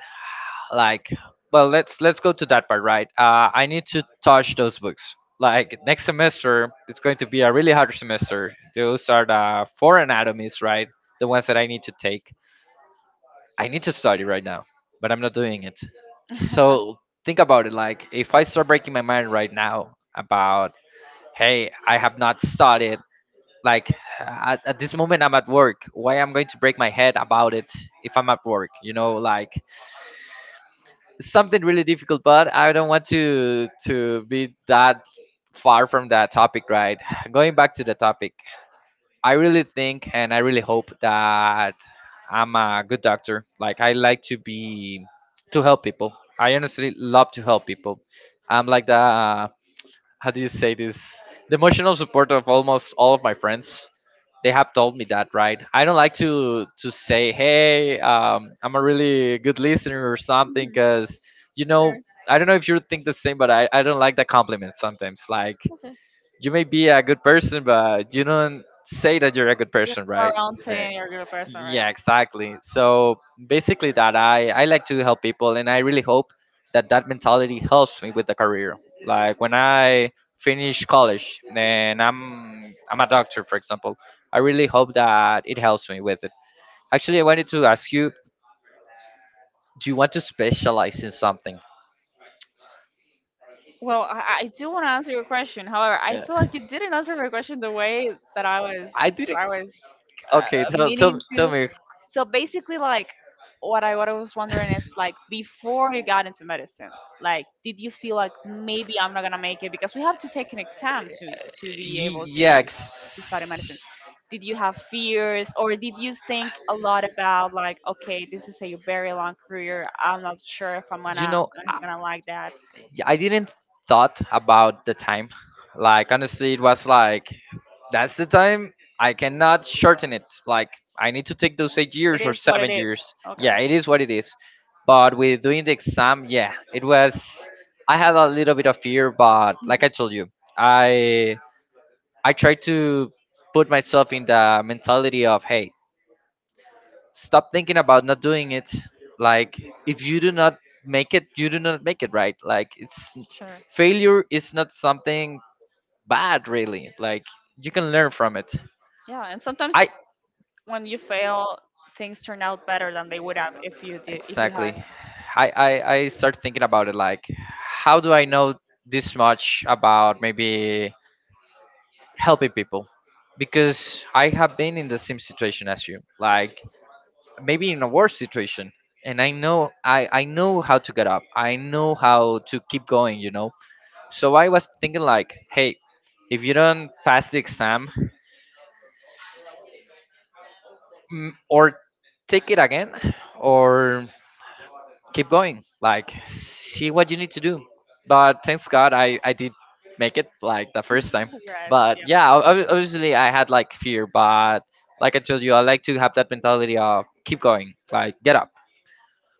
[SPEAKER 1] like, well, let's go to that part, right? I need to touch those books, like next semester. It's going to be a really hard semester. Those are the four anatomies, right? The ones that I need to take. I need to study right now, but I'm not doing it. So think about it, like if I start breaking my mind right now about, hey, I have not studied, like at this moment I'm at work. Why I'm going to break my head about it if I'm at work? You know, like it's something really difficult, but I don't want to be that far from that topic, right? Going back to the topic, I really think and I really hope that I'm a good doctor. Like I like to be, to help people. I honestly love to help people. I'm like the, how do you say this, the emotional support of almost all of my friends. They have told me that, right? I don't like to say, hey, I'm a really good listener or something, because, you know, I don't know if you think the same, but I don't like that compliment sometimes. Like
[SPEAKER 2] Okay.
[SPEAKER 1] you may be a good person, but you don't say that you're a good person, right?
[SPEAKER 2] Around
[SPEAKER 1] Eh,
[SPEAKER 2] saying you're a good person, right?
[SPEAKER 1] yeah, exactly. So basically, that I like to help people, and I really hope that that mentality helps me with the career. Like when I finish college and I'm a doctor, for example, I really hope that it helps me with it. Actually, I wanted to ask you: do you want to specialize in something?
[SPEAKER 2] Well, I do want to answer your question. However, I feel
[SPEAKER 1] Yeah.
[SPEAKER 2] like you didn't answer my question the way that I was
[SPEAKER 1] I
[SPEAKER 2] that
[SPEAKER 1] didn't.
[SPEAKER 2] I was
[SPEAKER 1] Okay, tell tell
[SPEAKER 2] meaning
[SPEAKER 1] tell
[SPEAKER 2] to.
[SPEAKER 1] me.
[SPEAKER 2] So basically, like what I was wondering is like before you got into medicine, like did you feel like maybe I'm not gonna make it because we have to take an exam to be
[SPEAKER 1] Y-
[SPEAKER 2] able
[SPEAKER 1] Yeah,
[SPEAKER 2] to study
[SPEAKER 1] ex-
[SPEAKER 2] medicine. Did you have fears or did you think a lot about like okay, this is a very long career. I'm not sure if
[SPEAKER 1] you know,
[SPEAKER 2] I'm gonna like that.
[SPEAKER 1] I didn't thought about the time. Like honestly, it was like, that's the time. I cannot shorten it. Like I need to take those eight
[SPEAKER 2] It
[SPEAKER 1] years or
[SPEAKER 2] is what it
[SPEAKER 1] seven
[SPEAKER 2] is.
[SPEAKER 1] years.
[SPEAKER 2] Okay.
[SPEAKER 1] Yeah, it is what it is. But with doing the exam, yeah, it was. I had a little bit of fear, but like I told you, I I tried to put myself in the mentality of, hey, stop thinking about not doing it. Like if you do not make it, you do not make it, right? Like it's,
[SPEAKER 2] Sure.
[SPEAKER 1] failure is not something bad, really. Like you can learn from it.
[SPEAKER 2] Yeah, and sometimes
[SPEAKER 1] I
[SPEAKER 2] when you fail, things turn out better than they would have if you do if you
[SPEAKER 1] Exactly.
[SPEAKER 2] had
[SPEAKER 1] I start thinking about it like, how do I know this much about maybe helping people? Because I have been in the same situation as you, like maybe in a worse situation, and I know I know how to get up. I know how to keep going. You know. So I was thinking like, hey, if you don't pass the exam, or take it again, or keep going, like see what you need to do. But thanks God I did make it, like the first time.
[SPEAKER 2] regrets. Yeah.
[SPEAKER 1] But yeah, obviously I had like fear, but like I told you, I like to have that mentality of keep going, like get up.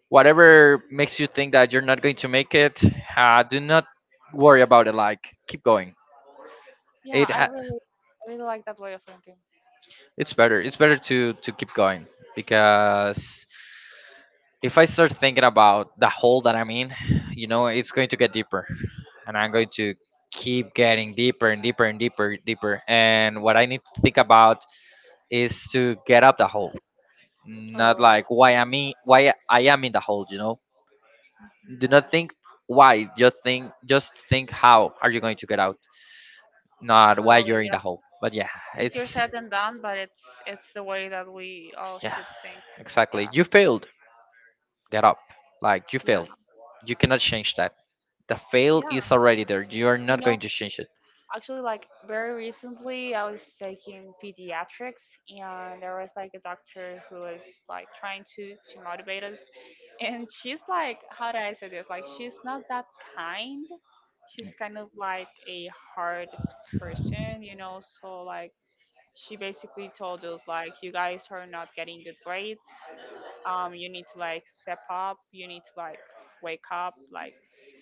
[SPEAKER 1] Whatever makes you think that you're not going to make it, do not worry about it. Like keep going.
[SPEAKER 2] Yeah,
[SPEAKER 1] it ha-
[SPEAKER 2] I really like that way of thinking.
[SPEAKER 1] it's better to keep going, because if I start thinking about the hole that I'm in, you know, it's going to get deeper, and I'm going to keep getting deeper and deeper and deeper, deeper. And what I need to think about is to get up the hole, not like, why am I, me, why I am in the hole. You know, do not
[SPEAKER 2] Mm,
[SPEAKER 1] think why, just think how are you going to get out, not why
[SPEAKER 2] totally.
[SPEAKER 1] you're in the
[SPEAKER 2] Yeah.
[SPEAKER 1] hole. But yeah,
[SPEAKER 2] Easier
[SPEAKER 1] it's,
[SPEAKER 2] said than done, but it's the way that we all
[SPEAKER 1] yeah,
[SPEAKER 2] should think.
[SPEAKER 1] exactly.
[SPEAKER 2] Yeah.
[SPEAKER 1] You failed, get up. Like you
[SPEAKER 2] Yeah.
[SPEAKER 1] failed, you cannot change that. The fail
[SPEAKER 2] Yeah.
[SPEAKER 1] is already there. You are
[SPEAKER 2] You
[SPEAKER 1] not
[SPEAKER 2] know,
[SPEAKER 1] going to change it.
[SPEAKER 2] actually, like very recently, I was taking pediatrics, and there was like a doctor who was like trying to motivate us, and she's like, how do I say this, like she's not that kind, she's kind of like a hard person, you know. So like she basically told us like, you guys are not getting good grades, you need to like step up, you need to like wake up, like,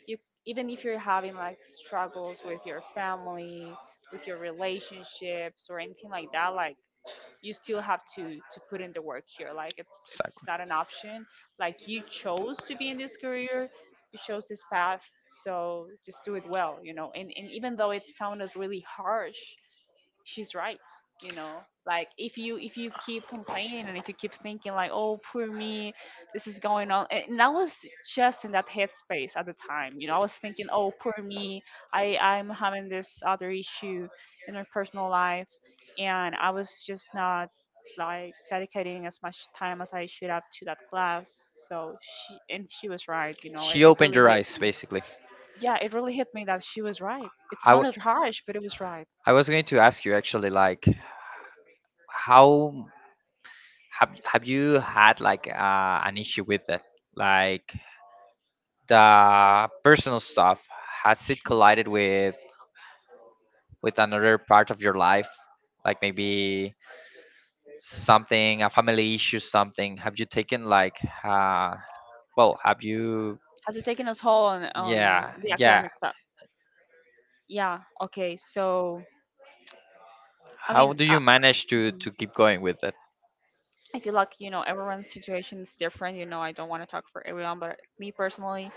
[SPEAKER 2] you, even if you're having like struggles with your family, with your relationships or anything like that, like you still have to put in the work here, like it's
[SPEAKER 1] Exactly.
[SPEAKER 2] not an option, like you chose to be in this career, you chose this path, so just do it well, you know. And even though it sounded really harsh, she's right, you know. Like if you keep complaining and if you keep thinking like, oh poor me, this is going on, and I was just in that headspace at the time, you know. I was thinking, oh poor me, I'm having this other issue in my personal life, and I was just not like dedicating as much time as I should have to that class. So she, and she was right, you know. it,
[SPEAKER 1] She
[SPEAKER 2] it
[SPEAKER 1] opened
[SPEAKER 2] really
[SPEAKER 1] your
[SPEAKER 2] hit
[SPEAKER 1] eyes,
[SPEAKER 2] me.
[SPEAKER 1] basically.
[SPEAKER 2] Yeah, it really hit me that she was right. It
[SPEAKER 1] I,
[SPEAKER 2] sounded harsh but it was right.
[SPEAKER 1] I was going to ask you actually, like, how, have you had like an issue with it? Like the personal stuff, has it
[SPEAKER 2] Sure.
[SPEAKER 1] collided with another part of your life? Like maybe something, a family issue, something. Have you taken like, uh, well, have you?
[SPEAKER 2] Has it taken a toll on
[SPEAKER 1] Yeah,
[SPEAKER 2] the
[SPEAKER 1] yeah.
[SPEAKER 2] academic stuff? Yeah. Okay. So I
[SPEAKER 1] How
[SPEAKER 2] mean,
[SPEAKER 1] do you manage to keep going with it?
[SPEAKER 2] I feel like you know everyone's situation is different. You know, I don't want to talk for everyone, but me personally,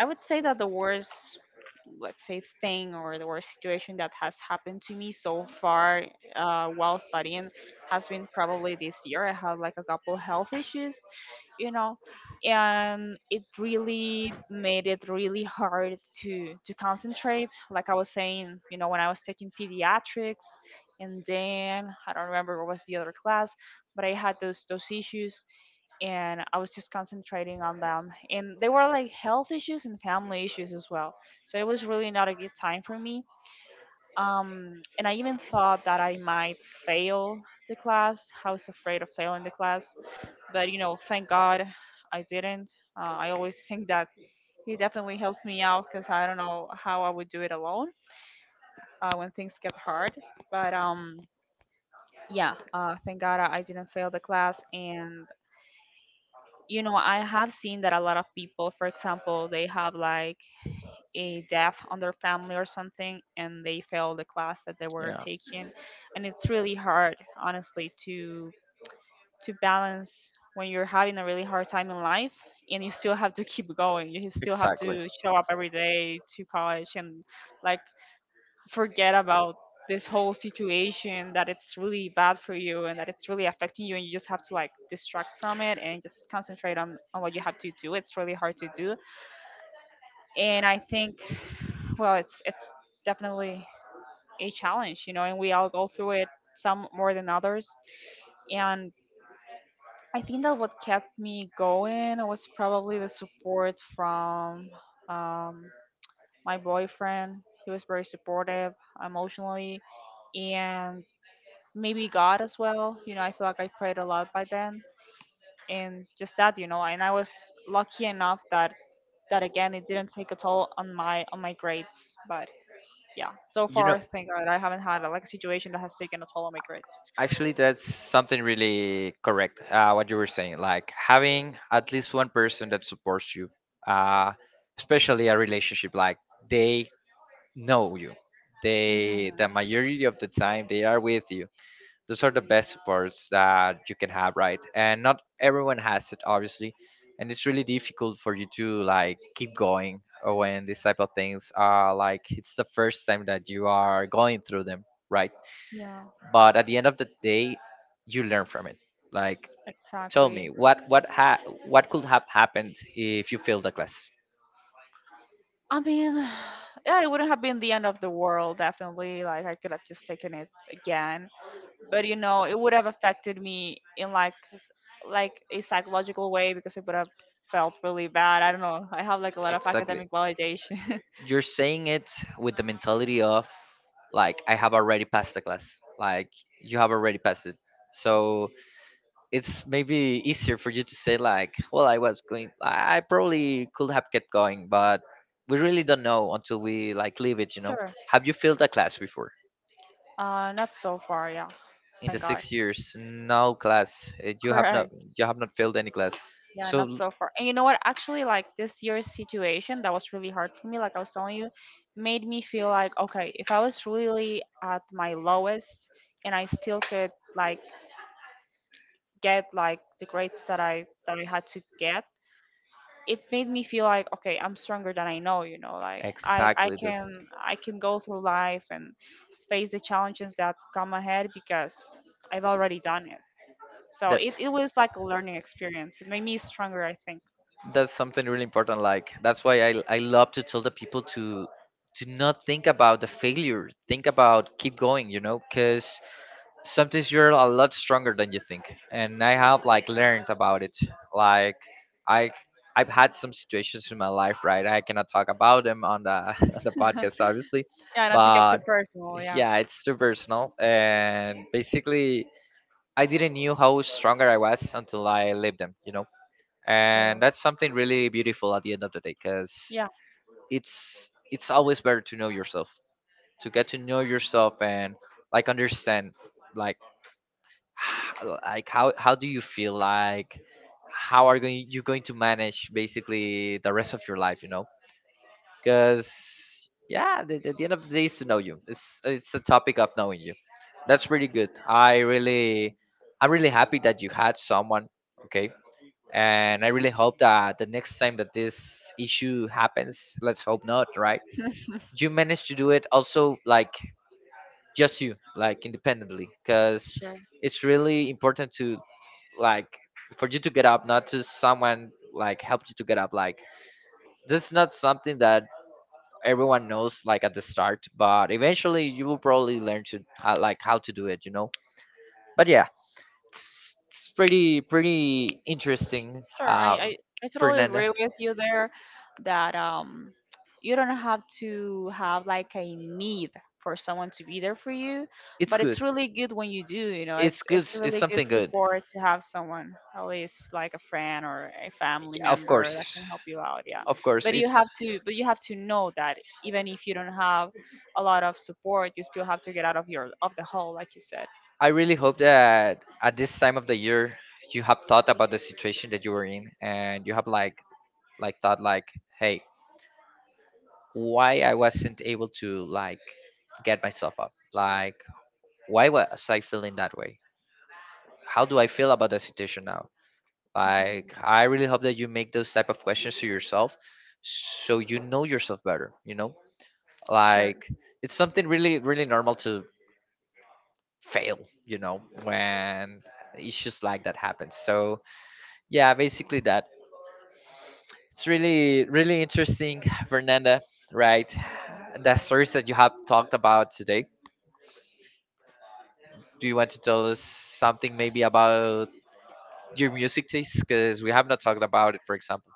[SPEAKER 2] I would say that the worst, let's say, thing or the worst situation that has happened to me so far while studying has been probably this year. I had like a couple health issues, you know, and it really made it really hard to concentrate. Like I was saying, you know, when I was taking pediatrics, and then I don't remember what was the other class, but I had those issues and I was just concentrating on them. And they were like health issues and family issues as well. So it was really not a good time for me. And I even thought that I might fail the class. I was afraid of failing the class, but you know, thank God I didn't. I always think that he definitely helped me out because I don't know how I would do it alone when things get hard. But yeah, thank God I didn't fail the class, and you know, I have seen that a lot of people, for example, they have like a death on their family or something and they fail the class that they were
[SPEAKER 1] Yeah.
[SPEAKER 2] taking. And it's really hard, honestly, to balance when you're having a really hard time in life and you still have to keep going. You still have
[SPEAKER 1] Exactly.
[SPEAKER 2] to show up every day to college and like forget about this whole situation that it's really bad for you and that it's really affecting you, and you just have to like distract from it and just concentrate on what you have to do. It's really hard to do, and I think, well it's definitely a challenge, you know, and we all go through it, some more than others. And I think that what kept me going was probably the support from um, my boyfriend. He was very supportive emotionally, and maybe God as well. You know, I feel like I prayed a lot by then, and just that, you know. And I was lucky enough that that again it didn't take a toll on my grades. But yeah, so
[SPEAKER 1] You know,
[SPEAKER 2] far, thank God, I haven't had like a situation that has taken a toll on my grades.
[SPEAKER 1] actually, that's something really correct. What you were saying, like having at least one person that supports you, uh, especially a relationship, like they know you. They, the
[SPEAKER 2] Hmm.
[SPEAKER 1] majority of the time, they are with you. Those are the best supports that you can have, right? And not everyone has it, obviously. And it's really difficult for you to like keep going when these type of things are like, it's the first time that you are going through them, right?
[SPEAKER 2] Yeah,
[SPEAKER 1] But at the end of the day, you learn from it. Like tell me
[SPEAKER 2] exactly.
[SPEAKER 1] what what could have happened if you failed the class.
[SPEAKER 2] I mean, yeah, it wouldn't have been the end of the world, definitely. Like I could have just taken it again, but you know it would have affected me in like like a psychological way because it would have felt really bad. I don't know, I have like a lot of
[SPEAKER 1] Exactly.
[SPEAKER 2] academic validation.
[SPEAKER 1] You're saying it with the mentality of, like, I have already passed the class. Like you have already passed it. So it's maybe easier for you to say, like, well, I was going, I probably could have kept going, but we really don't know until we like leave it, you know.
[SPEAKER 2] Sure.
[SPEAKER 1] Have you failed a class before?
[SPEAKER 2] Uh, not so far, yeah.
[SPEAKER 1] In the
[SPEAKER 2] Thank God.
[SPEAKER 1] 6 years, no class. You have not,
[SPEAKER 2] Correct.
[SPEAKER 1] you have not failed any class.
[SPEAKER 2] Yeah,
[SPEAKER 1] so
[SPEAKER 2] not
[SPEAKER 1] l-
[SPEAKER 2] so far. And you know what, actually, like this year's situation that was really hard for me, like I was telling you, made me feel like, okay, if I was really at my lowest and I still could like get like the grades that I had to get, it made me feel like, okay, I'm stronger than I know, you know. Like I
[SPEAKER 1] exactly this.
[SPEAKER 2] can I can go through life and face the challenges that come ahead because I've already done it. So
[SPEAKER 1] that
[SPEAKER 2] it was like a learning experience. It made me stronger, I think.
[SPEAKER 1] that's something really important. Like that's why I love to tell the people to not think about the failure. Think about keep going, you know, because sometimes you're a lot stronger than you think, and I have like learned about it. Like i I've had some situations in my life, right? I cannot talk about them on the on the podcast, obviously.
[SPEAKER 2] Yeah, not to get too
[SPEAKER 1] But
[SPEAKER 2] personal, yeah.
[SPEAKER 1] yeah, it's too personal. And basically, I didn't knew how stronger I was until I lived them, you know. And
[SPEAKER 2] Sure.
[SPEAKER 1] that's something really beautiful at the end of the day, because
[SPEAKER 2] Yeah.
[SPEAKER 1] it's always better to know yourself, to get to know yourself, and like understand, like, like how do you feel, like how are going you going to manage basically the rest of your life, you know. Because yeah, the end of the day is to know you. It's a topic of knowing you. That's pretty good. I'm really happy that you had someone. Okay. And I really hope that the next time that this issue happens, let's hope not, right, you manage to do it also, like just you, like independently, because
[SPEAKER 2] Sure.
[SPEAKER 1] it's really important to, like, for you to get up, not to someone like help you to get up. Like this is not something that everyone knows like at the start, but eventually you will probably learn to like how to do it, you know. But yeah, it's pretty interesting,
[SPEAKER 2] Sure, I totally
[SPEAKER 1] Fernanda.
[SPEAKER 2] agree with you there that you don't have to have like a need for someone to be there for you,
[SPEAKER 1] It's
[SPEAKER 2] but
[SPEAKER 1] good.
[SPEAKER 2] it's really good when you do, you know.
[SPEAKER 1] It's
[SPEAKER 2] it's
[SPEAKER 1] good.
[SPEAKER 2] it's
[SPEAKER 1] It's
[SPEAKER 2] really good
[SPEAKER 1] something good.
[SPEAKER 2] support to have someone, at least like a friend or a family
[SPEAKER 1] Yeah, of
[SPEAKER 2] member that
[SPEAKER 1] course,
[SPEAKER 2] can help you out, yeah.
[SPEAKER 1] of course.
[SPEAKER 2] But you
[SPEAKER 1] It's.
[SPEAKER 2] have to but you have to know that even if you don't have a lot of support, you still have to get out of your of the hole, like you said.
[SPEAKER 1] I really hope that at this time of the year you have thought about the situation that you were in, and you have like thought like, hey, why I wasn't able to like get myself up. Like why was I feeling that way? How do I feel about the situation now? Like I really hope that you make those type of questions to yourself, so you know yourself better, you know? Like it's something really normal to fail, you know, when issues like that happen. So, yeah, basically that. It's really interesting, Fernanda, right? The stories that you have talked about today. Do you want to tell us something maybe about your music taste? Because we have not talked about it, for example.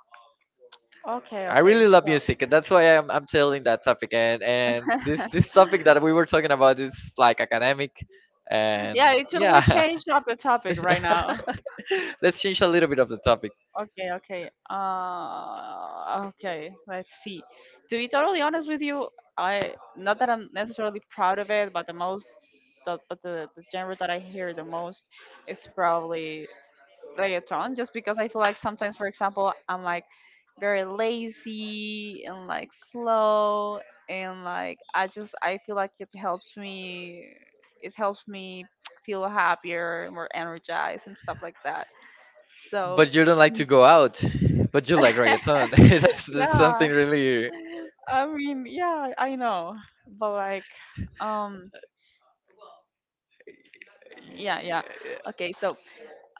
[SPEAKER 2] Okay,
[SPEAKER 1] I
[SPEAKER 2] okay.
[SPEAKER 1] really love
[SPEAKER 2] So
[SPEAKER 1] music, and that's why I'm telling that topic. And this topic that we were talking about is like academic, and
[SPEAKER 2] yeah, it totally
[SPEAKER 1] yeah.
[SPEAKER 2] changed up the topic right now.
[SPEAKER 1] Let's change a little bit of the topic.
[SPEAKER 2] Okay, okay. Okay, let's see. To be totally honest with you, I not that I'm necessarily proud of it, but the most the but the genre that I hear the most is probably reggaeton just because I feel like sometimes, for example, I'm like very lazy and like slow and like I just I feel like it helps me feel happier, more energized and stuff like that. So
[SPEAKER 1] But you don't like to go out, but you like reggaeton. That's something
[SPEAKER 2] yeah.
[SPEAKER 1] really,
[SPEAKER 2] I mean, yeah, I know. But like um yeah, yeah. Okay, so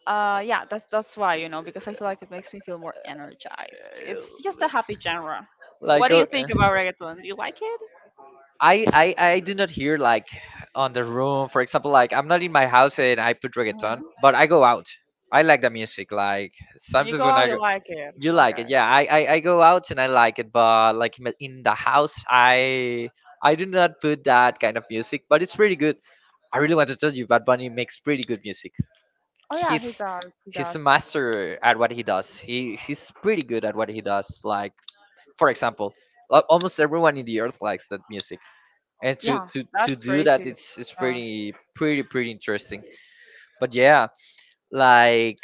[SPEAKER 2] yeah, that's why because I feel like it makes me feel more energized. It's just a happy genre.
[SPEAKER 1] like
[SPEAKER 2] What do you
[SPEAKER 1] go.
[SPEAKER 2] think about reggaeton? Do you like it?
[SPEAKER 1] I, I do not hear like on the room. For example, like I'm not in my house and I put reggaeton,
[SPEAKER 2] Mhm.
[SPEAKER 1] but I go out. I like the music. Like
[SPEAKER 2] When you
[SPEAKER 1] sometimes
[SPEAKER 2] go
[SPEAKER 1] when
[SPEAKER 2] out
[SPEAKER 1] I go,
[SPEAKER 2] you like it,
[SPEAKER 1] you like it.
[SPEAKER 2] okay.
[SPEAKER 1] Yeah, I go out and I like it. But like in the house, I do not put that kind of music. But it's pretty good. I really want to tell you, Bad Bunny makes pretty good music.
[SPEAKER 2] Oh yeah, he
[SPEAKER 1] He's
[SPEAKER 2] does, he
[SPEAKER 1] he's a
[SPEAKER 2] does.
[SPEAKER 1] master at what he does. He's pretty good at what he does. Like for example, almost everyone in the earth likes that music, and to
[SPEAKER 2] Yeah,
[SPEAKER 1] to to
[SPEAKER 2] that's
[SPEAKER 1] do that,
[SPEAKER 2] crazy.
[SPEAKER 1] it's
[SPEAKER 2] Yeah.
[SPEAKER 1] pretty interesting. But yeah, like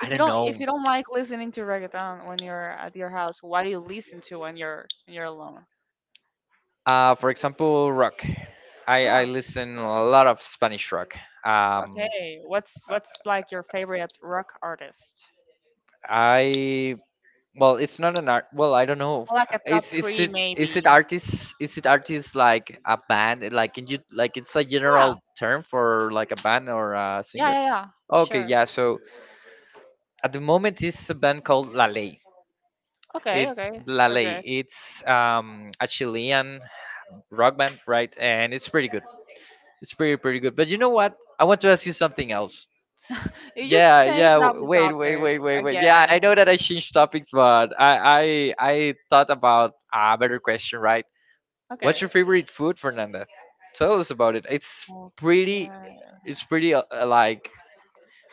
[SPEAKER 1] I
[SPEAKER 2] If you
[SPEAKER 1] don't
[SPEAKER 2] don't, if you
[SPEAKER 1] know.
[SPEAKER 2] don't like listening to reggaeton when you're at your house, what do you listen to when you're alone?
[SPEAKER 1] For example, rock. I
[SPEAKER 2] Rock.
[SPEAKER 1] listen a lot of Spanish rock. Um
[SPEAKER 2] Okay, what's
[SPEAKER 1] uh,
[SPEAKER 2] like your favorite rock artist?
[SPEAKER 1] I Well, it's not an art, well, I don't know.
[SPEAKER 2] Like a top
[SPEAKER 1] It's is
[SPEAKER 2] three
[SPEAKER 1] it Is it
[SPEAKER 2] maybe.
[SPEAKER 1] artists? Is it artists like a band? Like, can you, like, it's a
[SPEAKER 2] Yeah,
[SPEAKER 1] general term for like a band or a
[SPEAKER 2] yeah,
[SPEAKER 1] singer?
[SPEAKER 2] yeah, yeah.
[SPEAKER 1] Okay,
[SPEAKER 2] Sure.
[SPEAKER 1] yeah, so at the moment it's a band called La Ley.
[SPEAKER 2] Okay,
[SPEAKER 1] It's
[SPEAKER 2] okay.
[SPEAKER 1] La
[SPEAKER 2] So
[SPEAKER 1] Ley.
[SPEAKER 2] great.
[SPEAKER 1] It's a Chilean rock band, right? And it's pretty good. It's pretty good. But you know what? I want to ask you something else.
[SPEAKER 2] You just
[SPEAKER 1] Yeah, yeah.
[SPEAKER 2] changed up the
[SPEAKER 1] Wait,
[SPEAKER 2] top
[SPEAKER 1] wait, wait, wait, wait. Yeah,
[SPEAKER 2] again.
[SPEAKER 1] I know that I changed topics, but I thought about a better question, right? What's
[SPEAKER 2] Okay.
[SPEAKER 1] your favorite food, Fernanda? Tell us about it. It's
[SPEAKER 2] Okay.
[SPEAKER 1] pretty. It's pretty like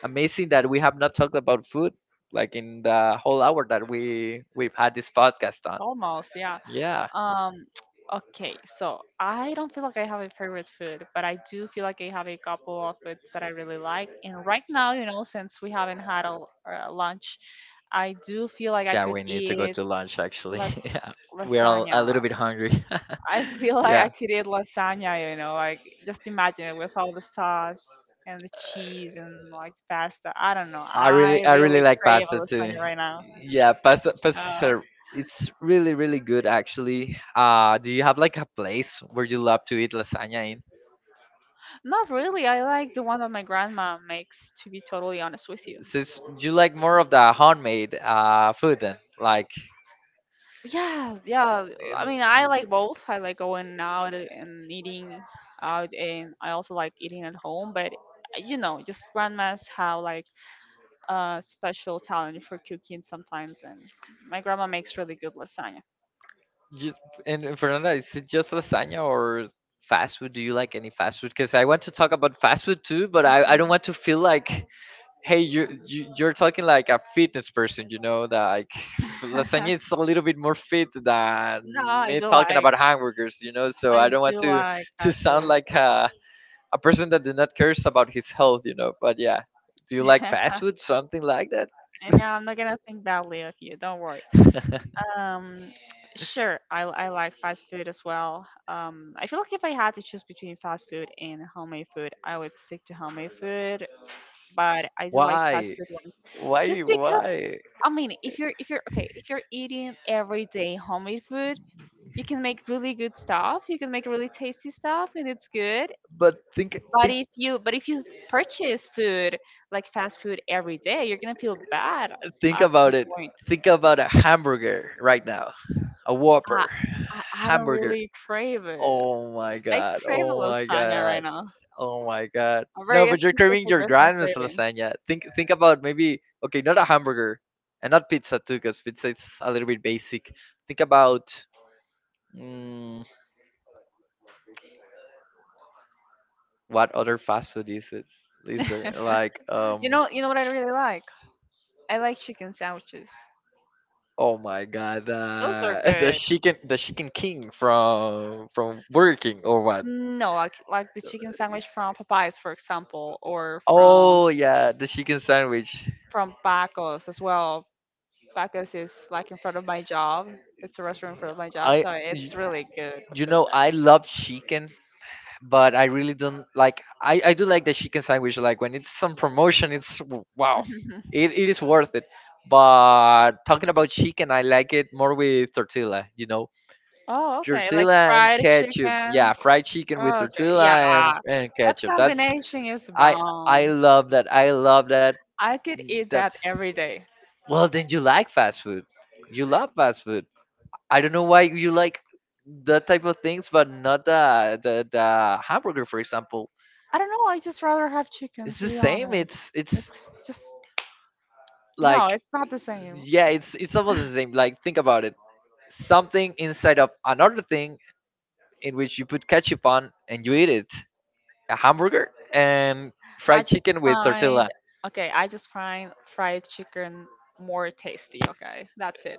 [SPEAKER 1] amazing that we have not talked about food, like in the whole hour that we've had this podcast on.
[SPEAKER 2] Almost, yeah.
[SPEAKER 1] Yeah.
[SPEAKER 2] Um, okay, so I don't feel like I have a favorite food, but I do feel like I have a couple of foods that I really like. And right now, you know, since we haven't had a lunch, I do feel like I
[SPEAKER 1] Yeah,
[SPEAKER 2] could
[SPEAKER 1] we need to go
[SPEAKER 2] eat
[SPEAKER 1] to lunch actually.
[SPEAKER 2] las
[SPEAKER 1] Yeah, we're all a
[SPEAKER 2] lasagna.
[SPEAKER 1] little bit hungry.
[SPEAKER 2] I feel like I
[SPEAKER 1] Yeah,
[SPEAKER 2] could eat lasagna, you know, like just imagine it with all the sauce and the cheese and like pasta. I don't know.
[SPEAKER 1] I
[SPEAKER 2] I
[SPEAKER 1] really, I really
[SPEAKER 2] really
[SPEAKER 1] like
[SPEAKER 2] crave a
[SPEAKER 1] pasta too.
[SPEAKER 2] lasagna right now.
[SPEAKER 1] Yeah, pasta
[SPEAKER 2] Uh,
[SPEAKER 1] are, it's really good actually. Do you have like a place where you love to eat lasagna in?
[SPEAKER 2] not really. I like the one that my grandma makes, to be totally honest with you.
[SPEAKER 1] So it's, you like more of the homemade food then, like
[SPEAKER 2] Yeah, yeah. I
[SPEAKER 1] um,
[SPEAKER 2] mean, I like both. I like going out and eating out, and I also like eating at home, but you know, just grandmas have like a special talent for cooking sometimes, and my grandma makes really good lasagna.
[SPEAKER 1] just and Fernanda, is it just lasagna or fast food? Do you like any fast food? Because I want to talk about fast food too, but I don't
[SPEAKER 2] Mhm.
[SPEAKER 1] want to feel like, hey, you you're talking like a fitness person, you know, like lasagna is a little bit more fit than
[SPEAKER 2] No, I
[SPEAKER 1] me
[SPEAKER 2] do
[SPEAKER 1] talking
[SPEAKER 2] like,
[SPEAKER 1] about hamburgers, you know, so
[SPEAKER 2] I
[SPEAKER 1] I don't want
[SPEAKER 2] do like
[SPEAKER 1] to
[SPEAKER 2] fast
[SPEAKER 1] sound
[SPEAKER 2] food.
[SPEAKER 1] like a person that do not cares about his health, you know. But yeah, do you like fast food, something like that?
[SPEAKER 2] I know I'm not gonna think badly of you. Don't worry. Um, sure, I like fast food as well. I feel like if I had to choose between fast food and homemade food, I would stick to homemade food. But I do like fast
[SPEAKER 1] Why?
[SPEAKER 2] food one,
[SPEAKER 1] why
[SPEAKER 2] just because
[SPEAKER 1] why
[SPEAKER 2] I mean, if you're okay, if you're eating every day homemade food, you can make really good stuff. You can make really tasty stuff, and it's good.
[SPEAKER 1] But think
[SPEAKER 2] But
[SPEAKER 1] think
[SPEAKER 2] if you but if you purchase food like fast food every day, you're gonna feel bad
[SPEAKER 1] think
[SPEAKER 2] at some
[SPEAKER 1] about it.
[SPEAKER 2] point.
[SPEAKER 1] Think about a hamburger right now, a
[SPEAKER 2] I
[SPEAKER 1] whopper
[SPEAKER 2] I don't
[SPEAKER 1] hamburger.
[SPEAKER 2] really crave it.
[SPEAKER 1] Oh my
[SPEAKER 2] I
[SPEAKER 1] god.
[SPEAKER 2] crave a
[SPEAKER 1] Oh my
[SPEAKER 2] lasagna right
[SPEAKER 1] god.
[SPEAKER 2] now.
[SPEAKER 1] Oh my god.
[SPEAKER 2] I'm
[SPEAKER 1] No,
[SPEAKER 2] very
[SPEAKER 1] but you're
[SPEAKER 2] specific
[SPEAKER 1] craving
[SPEAKER 2] with
[SPEAKER 1] your
[SPEAKER 2] my
[SPEAKER 1] grandma's
[SPEAKER 2] cravings.
[SPEAKER 1] lasagna. Think about maybe, okay, not a hamburger and not pizza too, because pizza is a little bit basic. Think about mm, what other fast food is it? Is there like?
[SPEAKER 2] You know, what I really like? I like chicken sandwiches.
[SPEAKER 1] Oh my god,
[SPEAKER 2] Those are
[SPEAKER 1] the
[SPEAKER 2] good.
[SPEAKER 1] chicken, the chicken king from Burger King or what?
[SPEAKER 2] No, like the chicken sandwich from Popeyes, for example, or from
[SPEAKER 1] Oh yeah, the chicken sandwich.
[SPEAKER 2] from Bacos as well. Tacos is like in front of my job. It's a restaurant in front of my job,
[SPEAKER 1] I
[SPEAKER 2] so
[SPEAKER 1] y-
[SPEAKER 2] it's really good, the
[SPEAKER 1] you
[SPEAKER 2] food
[SPEAKER 1] know I love chicken, but I really don't like. I do like the chicken sandwich. Like when it's on promotion, it's wow,
[SPEAKER 2] there.
[SPEAKER 1] it is worth it. But talking about chicken, I like it more with tortilla. You know,
[SPEAKER 2] Oh, okay. Like
[SPEAKER 1] tortilla and
[SPEAKER 2] fried
[SPEAKER 1] ketchup.
[SPEAKER 2] chicken.
[SPEAKER 1] Yeah, fried chicken with
[SPEAKER 2] Oh, okay.
[SPEAKER 1] tortilla
[SPEAKER 2] Yeah.
[SPEAKER 1] and
[SPEAKER 2] That
[SPEAKER 1] ketchup. That's,
[SPEAKER 2] combination is
[SPEAKER 1] I I
[SPEAKER 2] bomb.
[SPEAKER 1] love that. I love that.
[SPEAKER 2] I could eat that
[SPEAKER 1] That's,
[SPEAKER 2] every day.
[SPEAKER 1] well. Then you like fast food. You love fast food. I don't know why you like that type of things, but not the hamburger, for example.
[SPEAKER 2] I don't know. I just rather have chicken,
[SPEAKER 1] It's
[SPEAKER 2] to
[SPEAKER 1] the
[SPEAKER 2] be
[SPEAKER 1] same.
[SPEAKER 2] honest.
[SPEAKER 1] It's
[SPEAKER 2] It's just, no,
[SPEAKER 1] like,
[SPEAKER 2] it's not the same.
[SPEAKER 1] yeah, it's almost the same. Like think about it, something inside of another thing in which you put ketchup on and you eat it, a hamburger and
[SPEAKER 2] I
[SPEAKER 1] fried
[SPEAKER 2] just
[SPEAKER 1] chicken with
[SPEAKER 2] find,
[SPEAKER 1] tortilla.
[SPEAKER 2] okay, I just find fried chicken more tasty. Okay. That's it.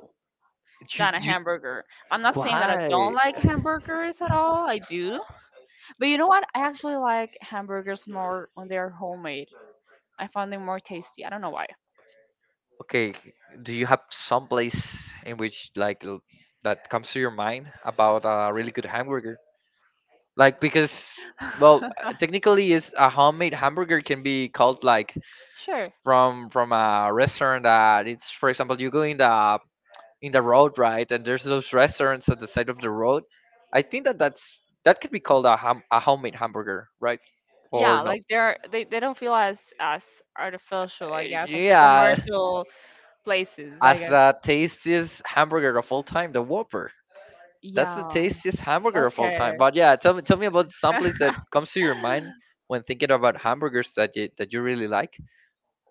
[SPEAKER 1] you,
[SPEAKER 2] Than a
[SPEAKER 1] you
[SPEAKER 2] hamburger. I'm not saying that I don't
[SPEAKER 1] why?
[SPEAKER 2] like hamburgers at all. I do. But you know what? I actually like hamburgers more when they're homemade. I find them more tasty. I don't know why.
[SPEAKER 1] Okay, do you have some place in which like, that comes to your mind about a really good hamburger, like? Because, well, technically is a homemade hamburger can be called like
[SPEAKER 2] Sure.
[SPEAKER 1] from a restaurant that it's, for example, you go in the road, right? And there's those restaurants at the side of the road. I think that that's, that could be called a ham, a homemade hamburger, right? Or
[SPEAKER 2] Yeah,
[SPEAKER 1] no?
[SPEAKER 2] like they're they don't feel as artificial, I
[SPEAKER 1] Uh,
[SPEAKER 2] guess, as the
[SPEAKER 1] Yeah,
[SPEAKER 2] commercial places, I
[SPEAKER 1] as
[SPEAKER 2] guess.
[SPEAKER 1] the tastiest hamburger of all time, the Whopper. That's the
[SPEAKER 2] Yeah.
[SPEAKER 1] tastiest hamburger of all time.
[SPEAKER 2] Okay.
[SPEAKER 1] But yeah, tell me about some place that comes to your mind when thinking about hamburgers that you really like,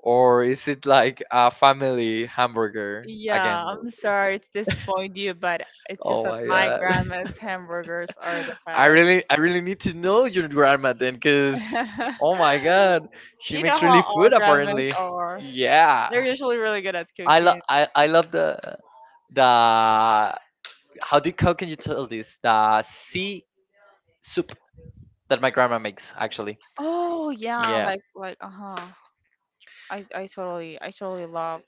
[SPEAKER 1] or is it like a family hamburger
[SPEAKER 2] Yeah,
[SPEAKER 1] again?
[SPEAKER 2] I'm sorry to disappoint you, but it's just
[SPEAKER 1] Oh
[SPEAKER 2] that
[SPEAKER 1] my
[SPEAKER 2] my
[SPEAKER 1] god!
[SPEAKER 2] grandma's hamburgers are the
[SPEAKER 1] I
[SPEAKER 2] best.
[SPEAKER 1] really, I really need to know your grandma then, cause oh my god, she
[SPEAKER 2] You know
[SPEAKER 1] makes
[SPEAKER 2] how
[SPEAKER 1] really
[SPEAKER 2] all
[SPEAKER 1] food
[SPEAKER 2] grandmas
[SPEAKER 1] apparently.
[SPEAKER 2] are.
[SPEAKER 1] Yeah,
[SPEAKER 2] They're usually really good at cooking.
[SPEAKER 1] I love the, how do, how can you tell this, the sea soup that my grandma makes actually.
[SPEAKER 2] Oh yeah,
[SPEAKER 1] Yeah,
[SPEAKER 2] like uh huh. I totally love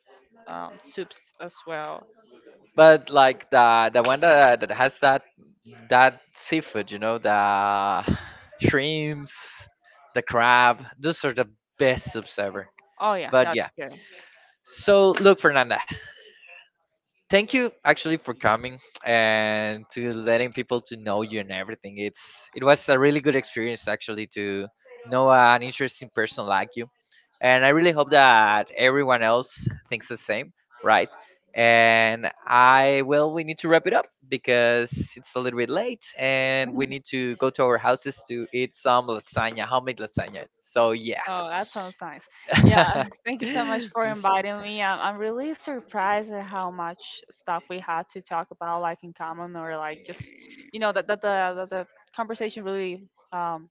[SPEAKER 2] soups as well.
[SPEAKER 1] but like the one that that has that that seafood, you know, the shrimps, the crab. Those are the best soups ever.
[SPEAKER 2] Oh yeah,
[SPEAKER 1] But
[SPEAKER 2] that's
[SPEAKER 1] yeah.
[SPEAKER 2] good.
[SPEAKER 1] So look, Fernanda, thank you actually for coming and to letting people to know you and everything. It's, it was a really good experience actually to know an interesting person like you, and I really hope that everyone else thinks the same, right? And I, well, we need to wrap it up because it's a little bit late and we need to go to our houses to eat some lasagna, homemade lasagna, so yeah.
[SPEAKER 2] Oh, that sounds nice. Yeah, thank you so much for inviting me. I'm really surprised at how much stuff we had to talk about, like in common, or like just, you know, that that the conversation really um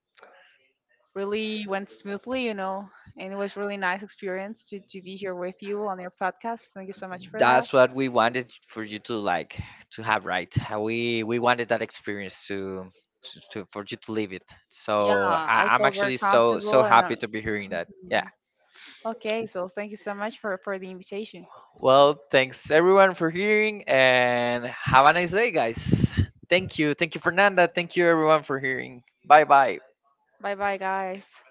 [SPEAKER 2] really went smoothly, you know, and it was really nice experience to be here with you on your podcast. Thank you so much for that.
[SPEAKER 1] That's what we wanted for you, to like to have, right? We wanted that experience to for you to live it,
[SPEAKER 2] Yeah,
[SPEAKER 1] so
[SPEAKER 2] I
[SPEAKER 1] I'm
[SPEAKER 2] felt very
[SPEAKER 1] actually so
[SPEAKER 2] comfortable and
[SPEAKER 1] happy to be hearing that, yeah.
[SPEAKER 2] mhm. Okay, so thank you so much for the invitation.
[SPEAKER 1] Well, thanks everyone for hearing and have a nice day, guys. Thank you, Fernanda, thank you everyone for hearing, bye bye.
[SPEAKER 2] Bye bye, guys.